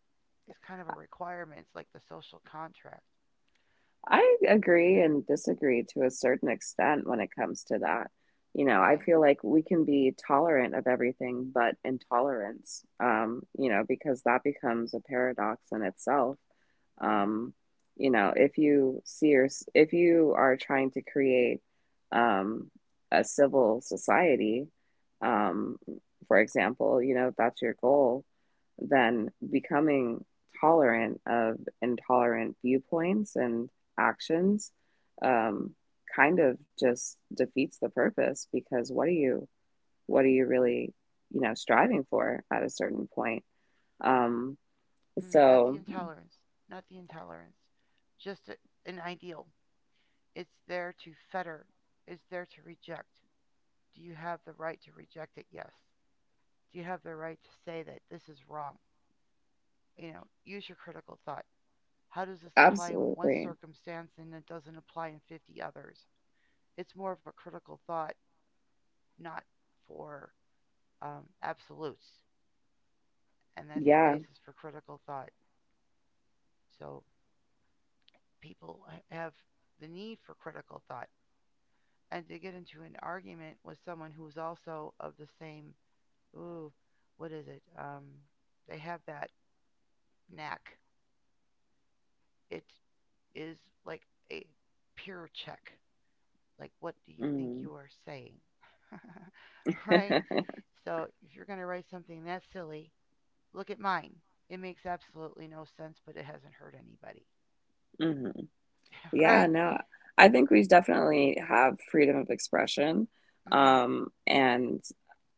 Speaker 1: is kind of a requirement. It's like the social contract. S-
Speaker 2: I agree and disagree to a certain extent when it comes to that. You know, I
Speaker 1: why?
Speaker 2: feel like we can be tolerant of everything but intolerance, you know, because that becomes a paradox in itself.
Speaker 1: Mm,
Speaker 2: Um, you know, if you are trying to create um, a civil society, um, for example, you know, if that's your goal then becoming tolerant of intolerant viewpoints and actions um, kind of just defeats the purpose because what are you really striving for at a certain point um
Speaker 1: mm, not the
Speaker 2: so
Speaker 1: intolerance. Not the intolerance. Just an ideal. It's there to fetter. It's there to reject. Do you have the right to reject it? Yes. Do you have the right to say that this is wrong? You know, use your critical thought. How does this apply in one
Speaker 2: Absolutely.
Speaker 1: circumstance and it doesn't apply in 50 others? It's more of a critical thought not for absolutes. And that's the
Speaker 2: Yeah.
Speaker 1: basis for critical thought. So people have the need for critical thought. And to get into an argument with someone who's also of the same, ooh, what is it? They have that knack. It is like a peer check. Like, what do you think
Speaker 2: Mm.
Speaker 1: you are saying? Right?
Speaker 2: Mm-hmm.
Speaker 1: So if you're going to write something that silly, look at mine. It makes absolutely no sense, but it hasn't hurt anybody.
Speaker 2: Yeah,
Speaker 1: Right?
Speaker 2: no, I think we definitely have freedom of expression.
Speaker 1: Mm-hmm.
Speaker 2: And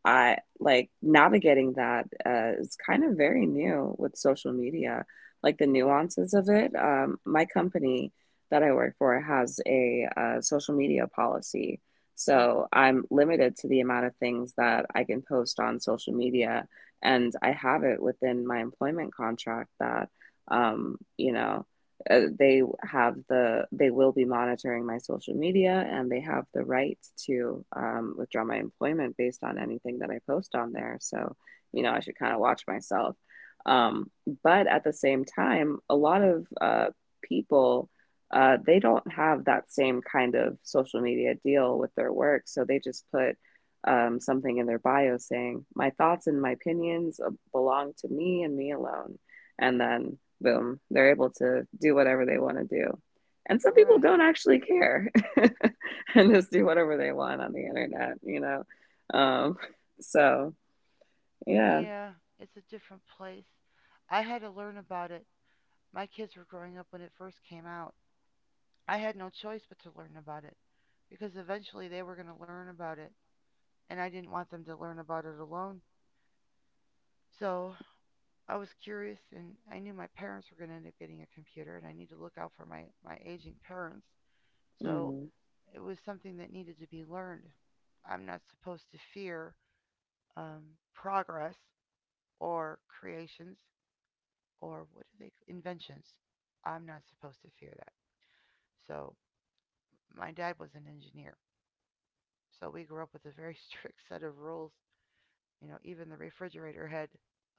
Speaker 2: I like navigating that is kind of very new with social media, like the nuances of it. My company that I work for has a social media policy.
Speaker 1: Uh-huh.
Speaker 2: So I'm limited to the amount of things that I can post on social media, and I have it within my employment contract that, um, you know they have the they will be monitoring my social media and they have the right to withdraw my employment based on anything that I post on there. So, you know, I
Speaker 1: Mm-hmm.
Speaker 2: should kind of watch myself. Um, but at the same time, a lot of people they don't have that same kind of social media deal with their work, so they just put something in their bio saying, "My thoughts and my opinions belong to me and me alone," and then boom, they're able to do whatever they want to do. And some people
Speaker 1: Right.
Speaker 2: don't actually care and just do whatever they want on the internet, you know. Um, so yeah.
Speaker 1: Yeah, it's a different place. I had to learn about it. My kids were growing up when it first came out. I had no choice but to learn about it because eventually they were going to learn about it, and I didn't want them to learn about it alone. So I was curious, and I knew my parents were going to end up getting a computer, and I need to look out for my aging parents. So
Speaker 2: Mm.
Speaker 1: it was something that needed to be learned. I'm not supposed to fear um, progress or creations or what do they inventions. I'm not supposed to fear that. So my dad was an engineer, so we grew up with a very strict set of rules. You know, even the refrigerator had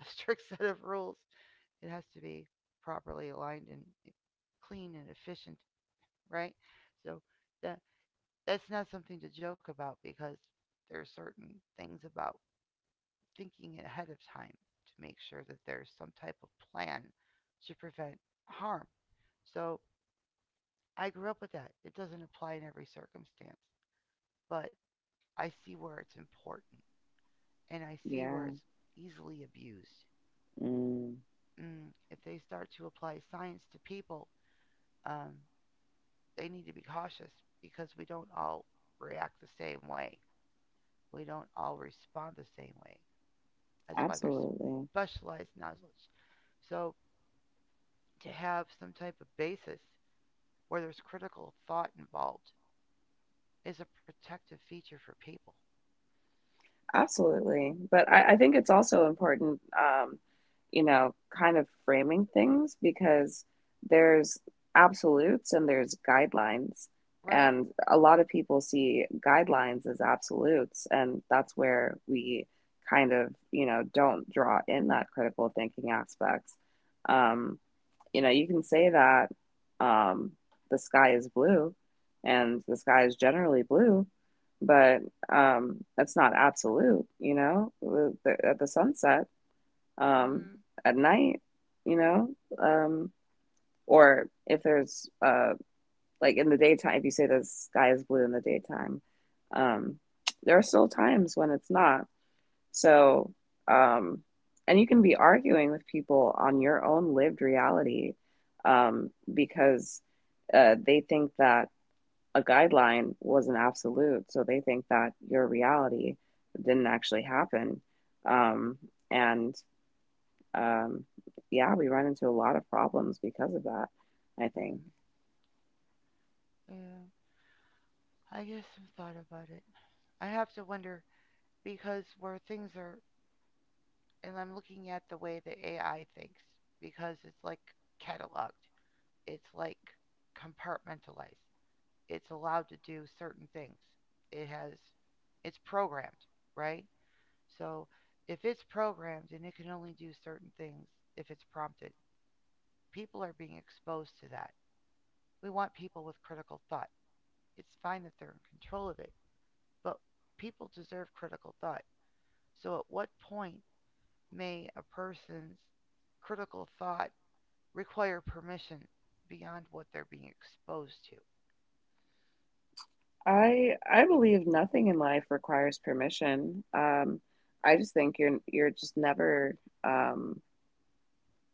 Speaker 1: a strict set of rules. It has to be properly aligned and eh, clean and efficient, right? So that that's not something to joke about because there's certain things about thinking ahead of time to make sure that there's some type of plan to prevent harm. So I grew up with that. It doesn't apply in every circumstance, but I see where it's important and I see where
Speaker 2: Yeah.
Speaker 1: it's easily abused.
Speaker 2: Mm.
Speaker 1: Mm, if they start to apply science to people, um, they need to be cautious because we don't all react the same way. We don't all respond the same way. That's why there's
Speaker 2: Absolutely.
Speaker 1: specialized knowledge. So to have some type of basis where there's critical thought involved is a protective feature for people,
Speaker 2: Absolutely. But I think it's also important, you know, kind of framing things because there's absolutes and there's guidelines.
Speaker 1: right?
Speaker 2: And a lot of people see guidelines as absolutes. And that's where we kind of, you know, don't draw in that critical thinking aspects. Um, you know, you can say that um, the sky is blue and the sky is generally blue, but that's not absolute, you know, at the sunset, um,
Speaker 1: Mhm.
Speaker 2: at night, you know, um, or if there's like in the daytime, if you say the sky is blue in the daytime, um, there are still times when it's not so, um, and you can be arguing with people on your own lived reality because they think that a guideline was an absolute. So they think that your reality didn't actually happen. Um, and um, yeah, we run into a lot of problems because of that, I think.
Speaker 1: Mhm. Yeah. I guess I've thought about it. I have to wonder because where things are, and I'm looking at the way the AI thinks because it's like cataloged. It's like compartmentalized. It's allowed to do certain things. It has, it's programmed, right? So if it's programmed and it can only do certain things if it's prompted, people are being exposed to that. We want people with critical thought. It's fine that they're in control of it, but people deserve critical thought. So at what point may a person's critical thought require permission beyond what they're being exposed to?
Speaker 2: I believe nothing in life requires permission. I just think you're just never um,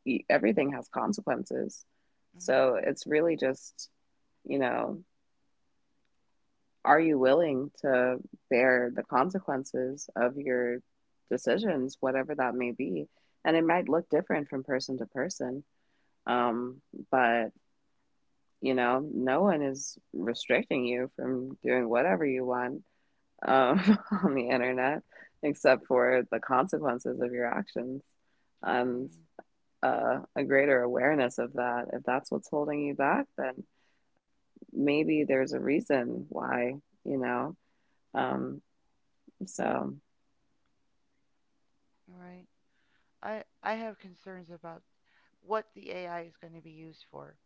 Speaker 2: Everything has consequences.
Speaker 1: Mm-hmm.
Speaker 2: So it's really just, you know, are you willing to bear the consequences of your decisions, whatever that may be? And it might look different from person to person. Um, but you know, no one is restricting you from doing whatever you want um, on the internet except for the consequences of your actions. And
Speaker 1: Mm-hmm.
Speaker 2: a greater awareness of that. If that's what's holding you back, then maybe there's a reason why, you know. Um, so,
Speaker 1: All right. I have concerns about what the AI is going to be used for.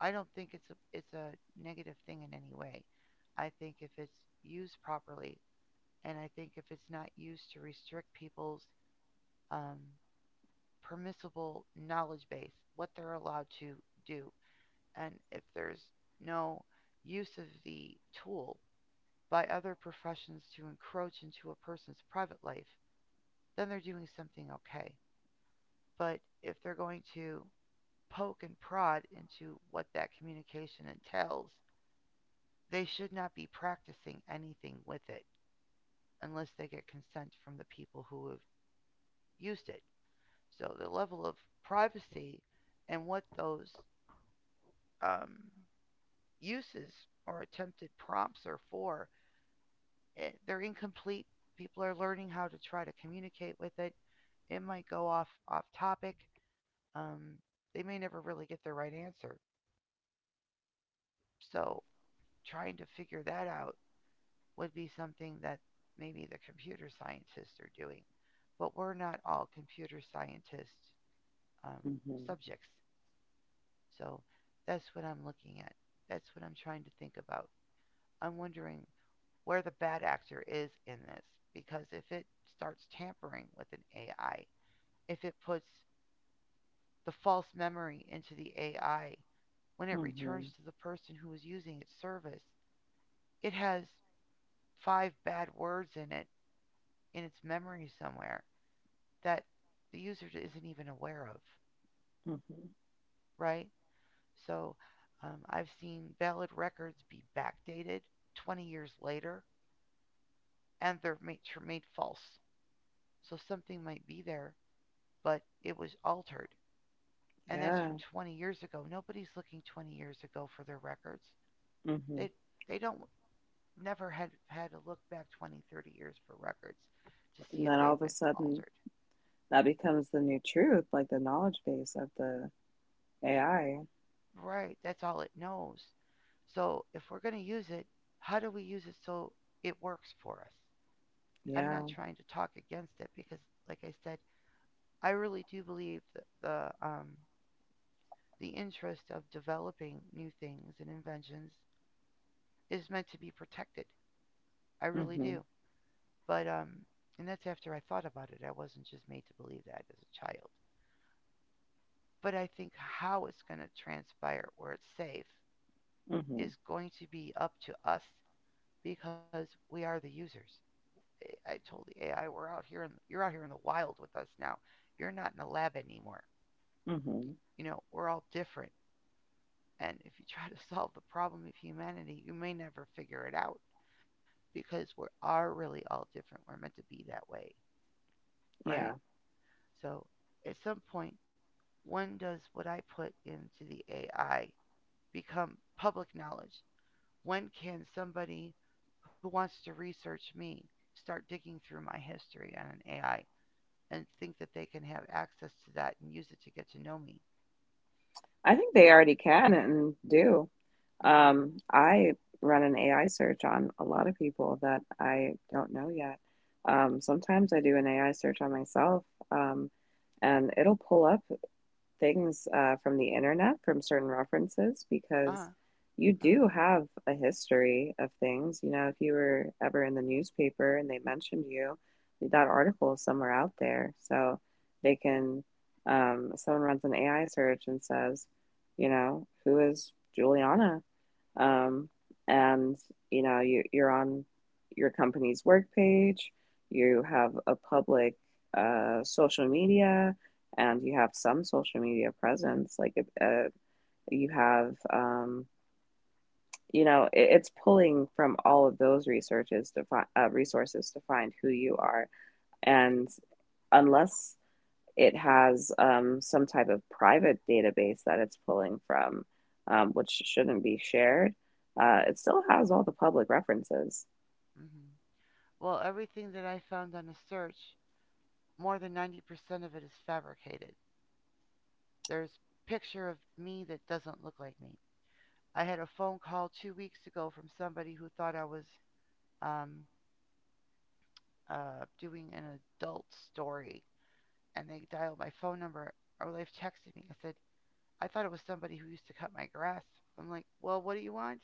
Speaker 1: I don't think it's a negative thing in any way. I think if it's used properly, and I think if it's not used to restrict people's um, permissible knowledge base, what they're allowed to do, and if there's no use of the tool by other professions to encroach into a person's private life, then they're doing something okay. But if they're going to poke and prod into what that communication entails, they should not be practicing anything with it unless they get consent from the people who have used it. So the level of privacy and what those um, uses or attempted prompts are for, they're incomplete. People are learning how to try to communicate with it. It might go off topic. Um, they may never really get the right answer. So trying to figure that out would be something that maybe the computer scientists are doing. But we're not all computer scientist um,
Speaker 2: hmm.
Speaker 1: subjects. So that's what I'm looking at. That's what I'm trying to think about. I'm wondering where the bad actor is in this because if it starts tampering with an AI, if it puts the false memory into the AI when it returns
Speaker 2: Hmm.
Speaker 1: to the person who is using its service, it has five bad words in it in its memory somewhere that the user isn't even aware of,
Speaker 2: Hmm.
Speaker 1: right? So I've seen valid records be backdated 20 years later and they're were made false. So something might be there, but it was altered. And that's from
Speaker 2: Yeah.
Speaker 1: 20 years ago. Nobody's looking 20 years ago for their records.
Speaker 2: Hmm.
Speaker 1: They they don't never had to look back 20, 30 years for records to see
Speaker 2: And
Speaker 1: if
Speaker 2: then all
Speaker 1: they've
Speaker 2: of a
Speaker 1: been
Speaker 2: sudden,
Speaker 1: altered.
Speaker 2: that becomes the new truth, like the knowledge base of the AI.
Speaker 1: Right, that's all it knows. So if we're going to use it, how do we use it so it works for us? I'm not
Speaker 2: Yeah.
Speaker 1: trying to talk against it because like I said, I really do believe that the um the interest of developing new things and inventions is meant to be protected. I really
Speaker 2: Hmm.
Speaker 1: do. But, and that's after I thought about it. I wasn't just made to believe that as a child. But I think how it's going to transpire where it's safe
Speaker 2: Hmm.
Speaker 1: is going to be up to us because we are the users. I- told the AI, we're out here, in, you're out here in the wild with us now. You're not in a lab anymore.
Speaker 2: Hmm.
Speaker 1: You know, we're all different. And if you try to solve the problem of humanity, you may never figure it out, because we are really all different. We're meant to be that way, right?
Speaker 2: Yeah.
Speaker 1: So at some point, when does what I put into the AI become public knowledge? When can somebody who wants to research me start digging through my history on an AI and think that they can have access to that and use it to get to know me?
Speaker 2: I think they already can and do.
Speaker 1: Mm-hmm.
Speaker 2: I run an AI search on a lot of people that I don't know yet. Sometimes I do an AI search on myself, um, and it'll pull up things from the internet, from certain references, because
Speaker 1: Uh-huh.
Speaker 2: you do
Speaker 1: Uh-huh.
Speaker 2: have a history of things. You know, if you were ever in the newspaper and they mentioned you, that article is somewhere out there. So they can, someone runs an AI search and says, you know, who is Juliana? Um, and you know, you're on your company's work page, you have a public social media and you have some social media presence like you have you know it's pulling from all of those resources to find who you are and unless it has some type of private database that it's pulling from which shouldn't be shared it still has all the public references.
Speaker 1: Mm-hmm. Well, everything that I found on a search, more than 90% of it is fabricated. There's a picture of me that doesn't look like me. I had a phone call 2 weeks ago from somebody who thought I was um, doing an adult story, and they dialed my phone number, or they've texted me. I said, I thought it was somebody who used to cut my grass. I'm like, well, what do you want?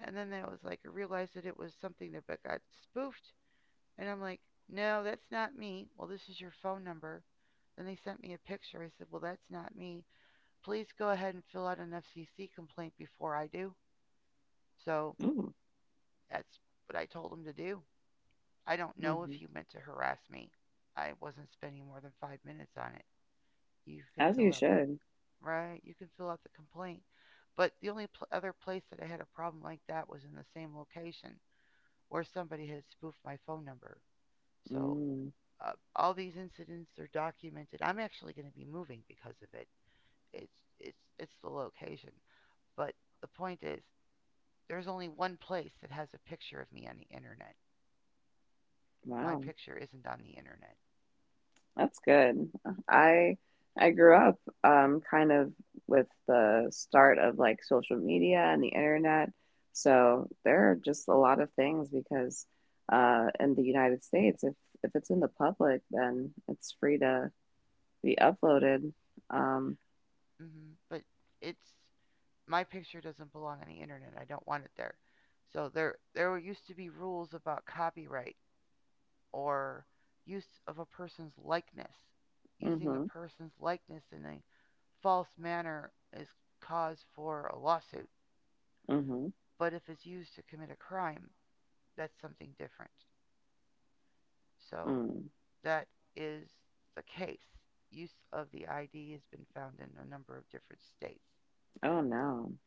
Speaker 1: And then I was like, I realized that it was something that but got spoofed, and I'm like, no, that's not me. Well, this is your phone number. Then they sent me a picture. I said, well, that's not me. Please go ahead and fill out an FCC complaint before I do. So
Speaker 2: Ooh.
Speaker 1: that's what I told him to do. I don't know if
Speaker 2: Hmm.
Speaker 1: he meant to harass me. I wasn't spending more than 5 minutes on it. You can
Speaker 2: As you
Speaker 1: fill out the
Speaker 2: should.
Speaker 1: right. You can fill out the complaint. But the only other place that I had a problem like that was in the same location where somebody had spoofed my phone number. So
Speaker 2: Mm.
Speaker 1: all these incidents are documented. I'm actually going to be moving because of it. It's it's the location. But the point is, there's only one place that has a picture of me on the internet. My
Speaker 2: Wow.
Speaker 1: picture isn't on the internet.
Speaker 2: That's good. I I grew up kind of with the start of like social media and the internet. So there are just a lot of things because in the United States if it's in the public then it's free to be uploaded. Um.
Speaker 1: Hmm. But it's my picture doesn't belong on the internet. I don't want it there. So there used to be rules about copyright or use of a person's likeness. Using a
Speaker 2: Mhm.
Speaker 1: person's likeness in a false manner is cause for a lawsuit.
Speaker 2: Mhm.
Speaker 1: But if it's used to commit a crime, that's something different. So
Speaker 2: Mm.
Speaker 1: that is the case. Use of the ID has been found in a number of different states.
Speaker 2: Oh no.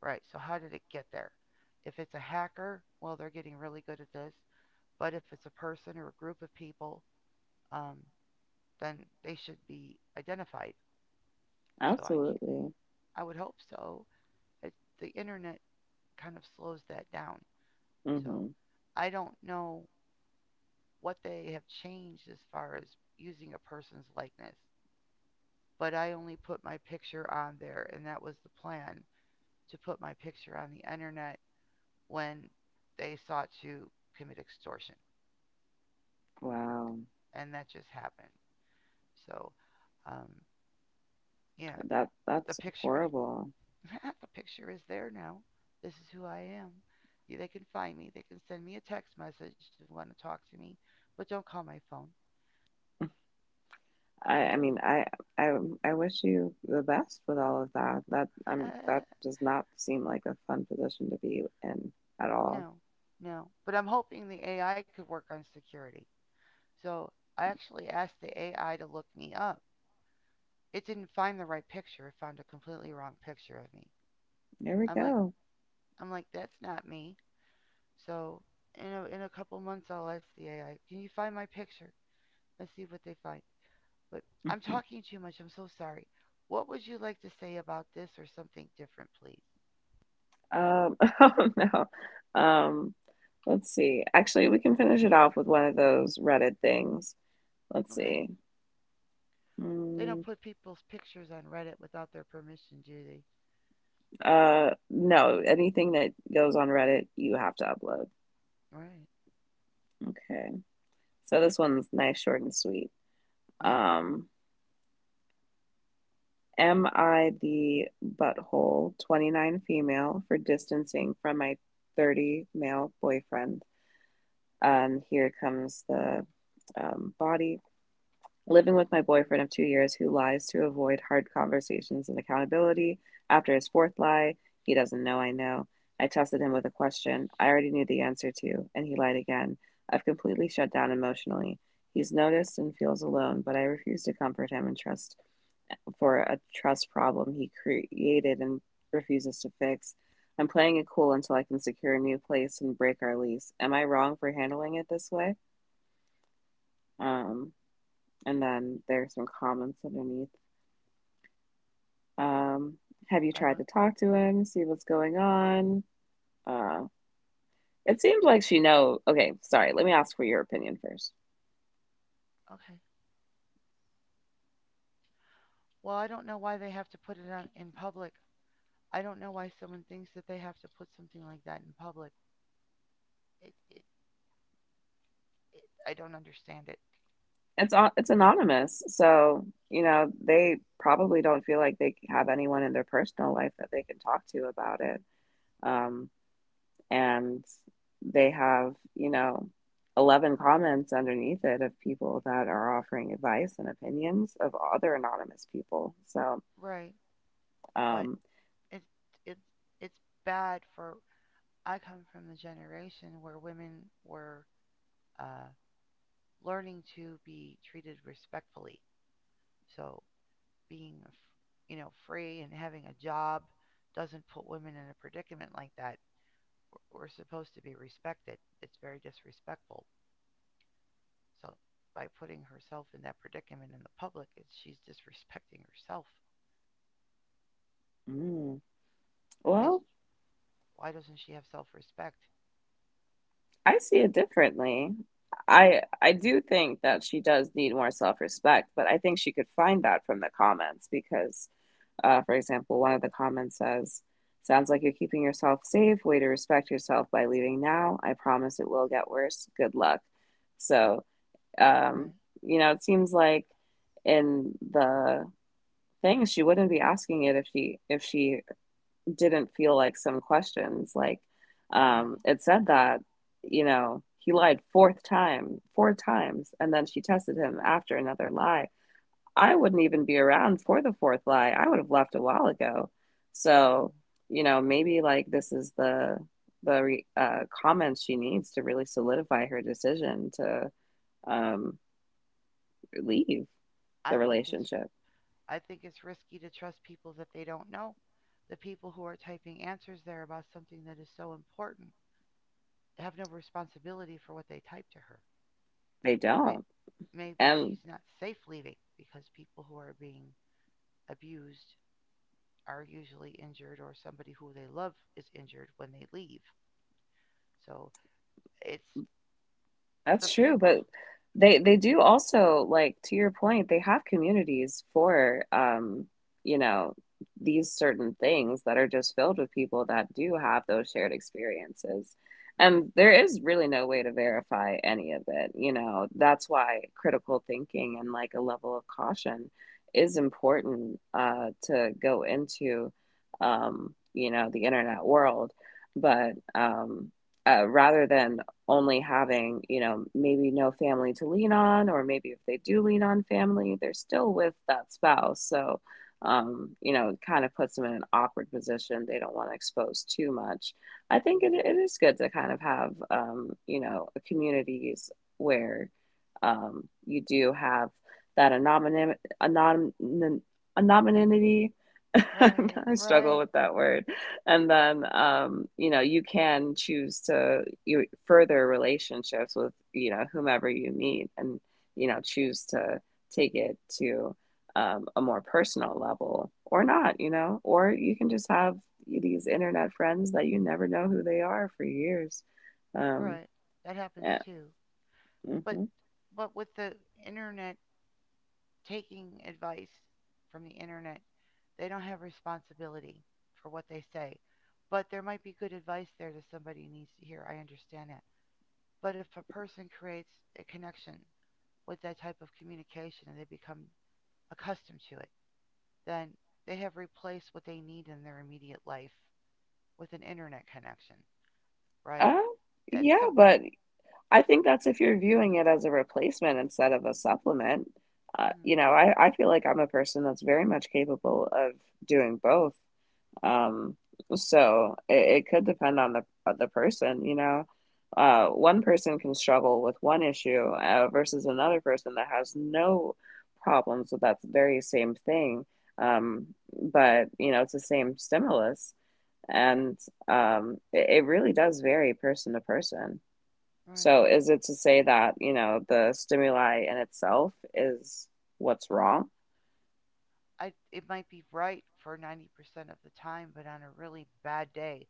Speaker 1: Right, so how did it get there? If it's a hacker, well, they're getting really good at this. But if it's a person or a group of people, um, then they should be identified. So
Speaker 2: Absolutely.
Speaker 1: I would hope so. It, the internet kind of slows that down. So
Speaker 2: Mhm.
Speaker 1: I don't know what they have changed as far as using a person's likeness. But I only put my picture on there, and that was the plan to put my picture on the internet when they sought to commit extortion,
Speaker 2: Wow.
Speaker 1: and that just happened. So, um, yeah,
Speaker 2: That
Speaker 1: the
Speaker 2: that's
Speaker 1: picture,
Speaker 2: horrible.
Speaker 1: the picture is there now. This is who I am. Yeah, they can find me. They can send me a text message if they want to talk to me, but don't call my phone,
Speaker 2: I,
Speaker 1: right?
Speaker 2: I mean, I, I, I wish you the best with all of that. That, that does not seem like a fun position to be in at all.
Speaker 1: No, no. But I'm hoping the AI could work on security. So I actually asked the AI to look me up. It didn't find the right picture. It found a completely wrong picture of me.
Speaker 2: There we
Speaker 1: I'm like,
Speaker 2: go.
Speaker 1: I'm like, that's not me. So in a couple months, I'll ask the AI, can you find my picture? Let's see what they find. But I'm talking too much. I'm so sorry. What would you like to say about this or something different, please?
Speaker 2: Oh no. Um, let's see. Actually, we can finish it off with one of those Reddit things. Let's
Speaker 1: Okay.
Speaker 2: see.
Speaker 1: They don't
Speaker 2: Mm.
Speaker 1: put people's pictures on Reddit without their permission, do they?
Speaker 2: No, anything that goes on Reddit, you have to upload.
Speaker 1: Right.
Speaker 2: Okay. So this one's nice, short, and sweet.
Speaker 1: Yeah.
Speaker 2: Um. Am I the butthole, 29 female, for distancing from my 30 male boyfriend? And here comes the body. Living with my boyfriend of 2 years who lies to avoid hard conversations and accountability. After his fourth lie, he doesn't know. I tested him with a question I already knew the answer to, and he lied again. I've completely shut down emotionally. He's noticed and feels alone, but I refuse to comfort him and trust for a trust problem he created and refuses to fix. I'm playing it cool until I can secure a new place and break our lease. Am I wrong for handling it this way? Um, and then there's some comments underneath. Um, have you
Speaker 1: I
Speaker 2: tried
Speaker 1: don't.
Speaker 2: to talk to him, see what's going on? Uh, it seems like she know. Okay, sorry. Let me ask for your opinion first.
Speaker 1: Okay. Well, I don't know why they have to put it on in public. I don't know why someone thinks that they have to put something like that in public. It, it I don't understand it.
Speaker 2: It's anonymous, so you know they probably don't feel like they have anyone in their personal life that they can talk to about it. Um, and they have, you know, 11 comments underneath it of people that are offering advice and opinions of other anonymous people.
Speaker 1: Right. But
Speaker 2: um,
Speaker 1: it's it's it's bad for. I come from the generation where women were uh, learning to be treated respectfully. So being, you know, free and having a job doesn't put women in a predicament like that. We're supposed to be respected. It's very disrespectful. So by putting herself in that predicament in the public, she's disrespecting herself.
Speaker 2: mm.
Speaker 1: It's,
Speaker 2: Well,
Speaker 1: why doesn't she have self-respect?
Speaker 2: I see it differently. I do think that she does need more self-respect, but I think she could find that from the comments because, for example, one of the comments says, "Sounds like you're keeping yourself safe. Way to respect yourself by leaving now. I promise it will get worse. Good luck." So Um,
Speaker 1: Right.
Speaker 2: you know, it seems like in the thing she wouldn't be asking it if she didn't feel like some questions. Like
Speaker 1: Right.
Speaker 2: it said that, you know, he lied fourth time, four times, and then she tested him after another lie. I wouldn't even be around for the fourth lie. I would have left a while ago.
Speaker 1: Hmm.
Speaker 2: So, you know, maybe like this is the comments she needs to really solidify her decision to. Um, Leave
Speaker 1: I
Speaker 2: the
Speaker 1: think it's
Speaker 2: relationship.
Speaker 1: I think it's risky to trust people that they don't know. The people who are typing answers there about something that is so important have no responsibility for what they type to her.
Speaker 2: They
Speaker 1: May-
Speaker 2: don't.
Speaker 1: Maybe
Speaker 2: And
Speaker 1: she's not safe leaving because people who are being abused are usually injured or somebody who they love is injured when they leave. So it's the
Speaker 2: that's true,
Speaker 1: people.
Speaker 2: but they do also like to your point, they have communities for you know, these certain things that are just filled with people that do have those shared experiences.
Speaker 1: Hmm.
Speaker 2: And there is really no way to verify any of it, you know. That's why critical thinking and like a level of caution is important to go into you know, the internet world. But Rather than only having, you know, maybe no family to lean on, or maybe if they do lean on family, they're still with that spouse. So, you know, it kind of puts them in an awkward position. They don't want to expose too much. I think
Speaker 1: Hmm.
Speaker 2: it is good to kind of have, you know, communities where you do have that
Speaker 1: And
Speaker 2: anonymity.
Speaker 1: right,
Speaker 2: I struggle
Speaker 1: right,
Speaker 2: with that word. And then, you know, you can choose to you further relationships with, you know, whomever you meet and, you know, choose to take it to a more personal level or not, you know, or you can just have these internet friends that you never know who they are for years. Um,
Speaker 1: right. That happens
Speaker 2: yeah,
Speaker 1: too. But
Speaker 2: hmm
Speaker 1: but with the internet, taking advice from the internet, they don't have responsibility for what they say. But there might be good advice there that somebody needs to hear. I understand that. But if a person creates a connection with that type of communication and they become accustomed to it, then they have replaced what they need in their immediate life with an internet connection, right?
Speaker 2: Uh,
Speaker 1: That's
Speaker 2: yeah,
Speaker 1: something.
Speaker 2: but I think that's if you're viewing it as a replacement instead of a supplement.
Speaker 1: Mm,
Speaker 2: I feel like I'm a person that's very much capable of doing both. Um, so it could depend on the person. You know, one person can struggle with one issue versus another person that has no problems with that very same thing. But you know, it's the same stimulus, and it really does vary person to person.
Speaker 1: right.
Speaker 2: So is it to say that, you know, the stimuli in itself is what's wrong?
Speaker 1: I it might be right for 90% of the time, but on a really bad day,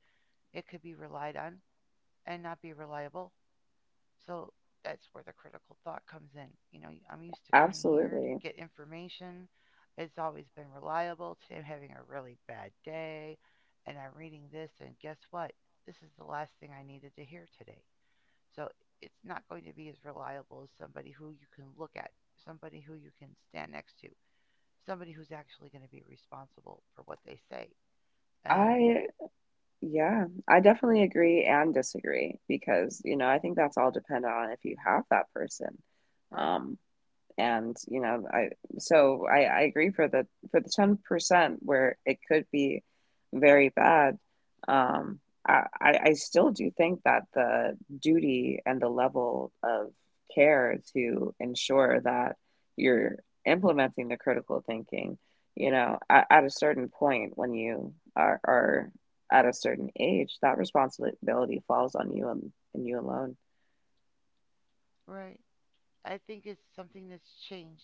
Speaker 1: it could be relied on and not be reliable. So that's where the critical thought comes in. You know, I'm used to coming here to
Speaker 2: Absolutely.
Speaker 1: get information. It's always been reliable. Today I'm having a really bad day and I'm reading this and guess what? This is the last thing I needed to hear today. So it's not going to be as reliable as somebody who you can look at, somebody who you can stand next to, somebody who's actually going to be responsible for what they say. And
Speaker 2: I, yeah, I definitely agree and disagree because, you know, I think that's all dependent on if you have that person.
Speaker 1: right,
Speaker 2: Um. And you know, I agree for the 10% where it could be very bad. Um, I still do think that the duty and the level of care to ensure that you're implementing the critical thinking, you know, at a certain point when you are at a certain age, that responsibility falls on you and you alone.
Speaker 1: right. I think it's something that's changed.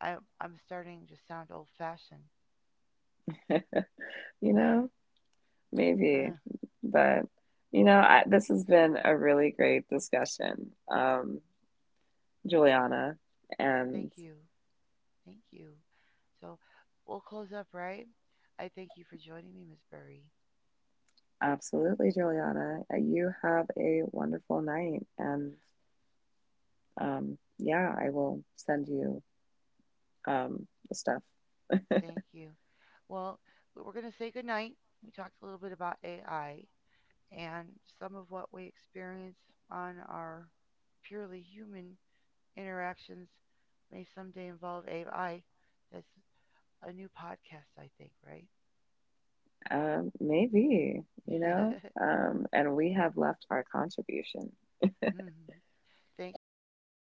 Speaker 1: I'm starting to sound old fashioned.
Speaker 2: You know? Maybe, but you know, I, this has been a really great discussion, Juliana, and
Speaker 1: Thank you. Thank you. So we'll close up, right? I thank you for joining me, Miss Burry.
Speaker 2: absolutely, Juliana, you have a wonderful night, and yeah, I will send you the stuff.
Speaker 1: Thank you. Well, we're going to say goodnight. We talked a little bit about AI and some of what we experience on our purely human interactions may someday involve AI. That's a new podcast, I think, right?
Speaker 2: Maybe, you know, and we have left our contribution.
Speaker 1: Thank you.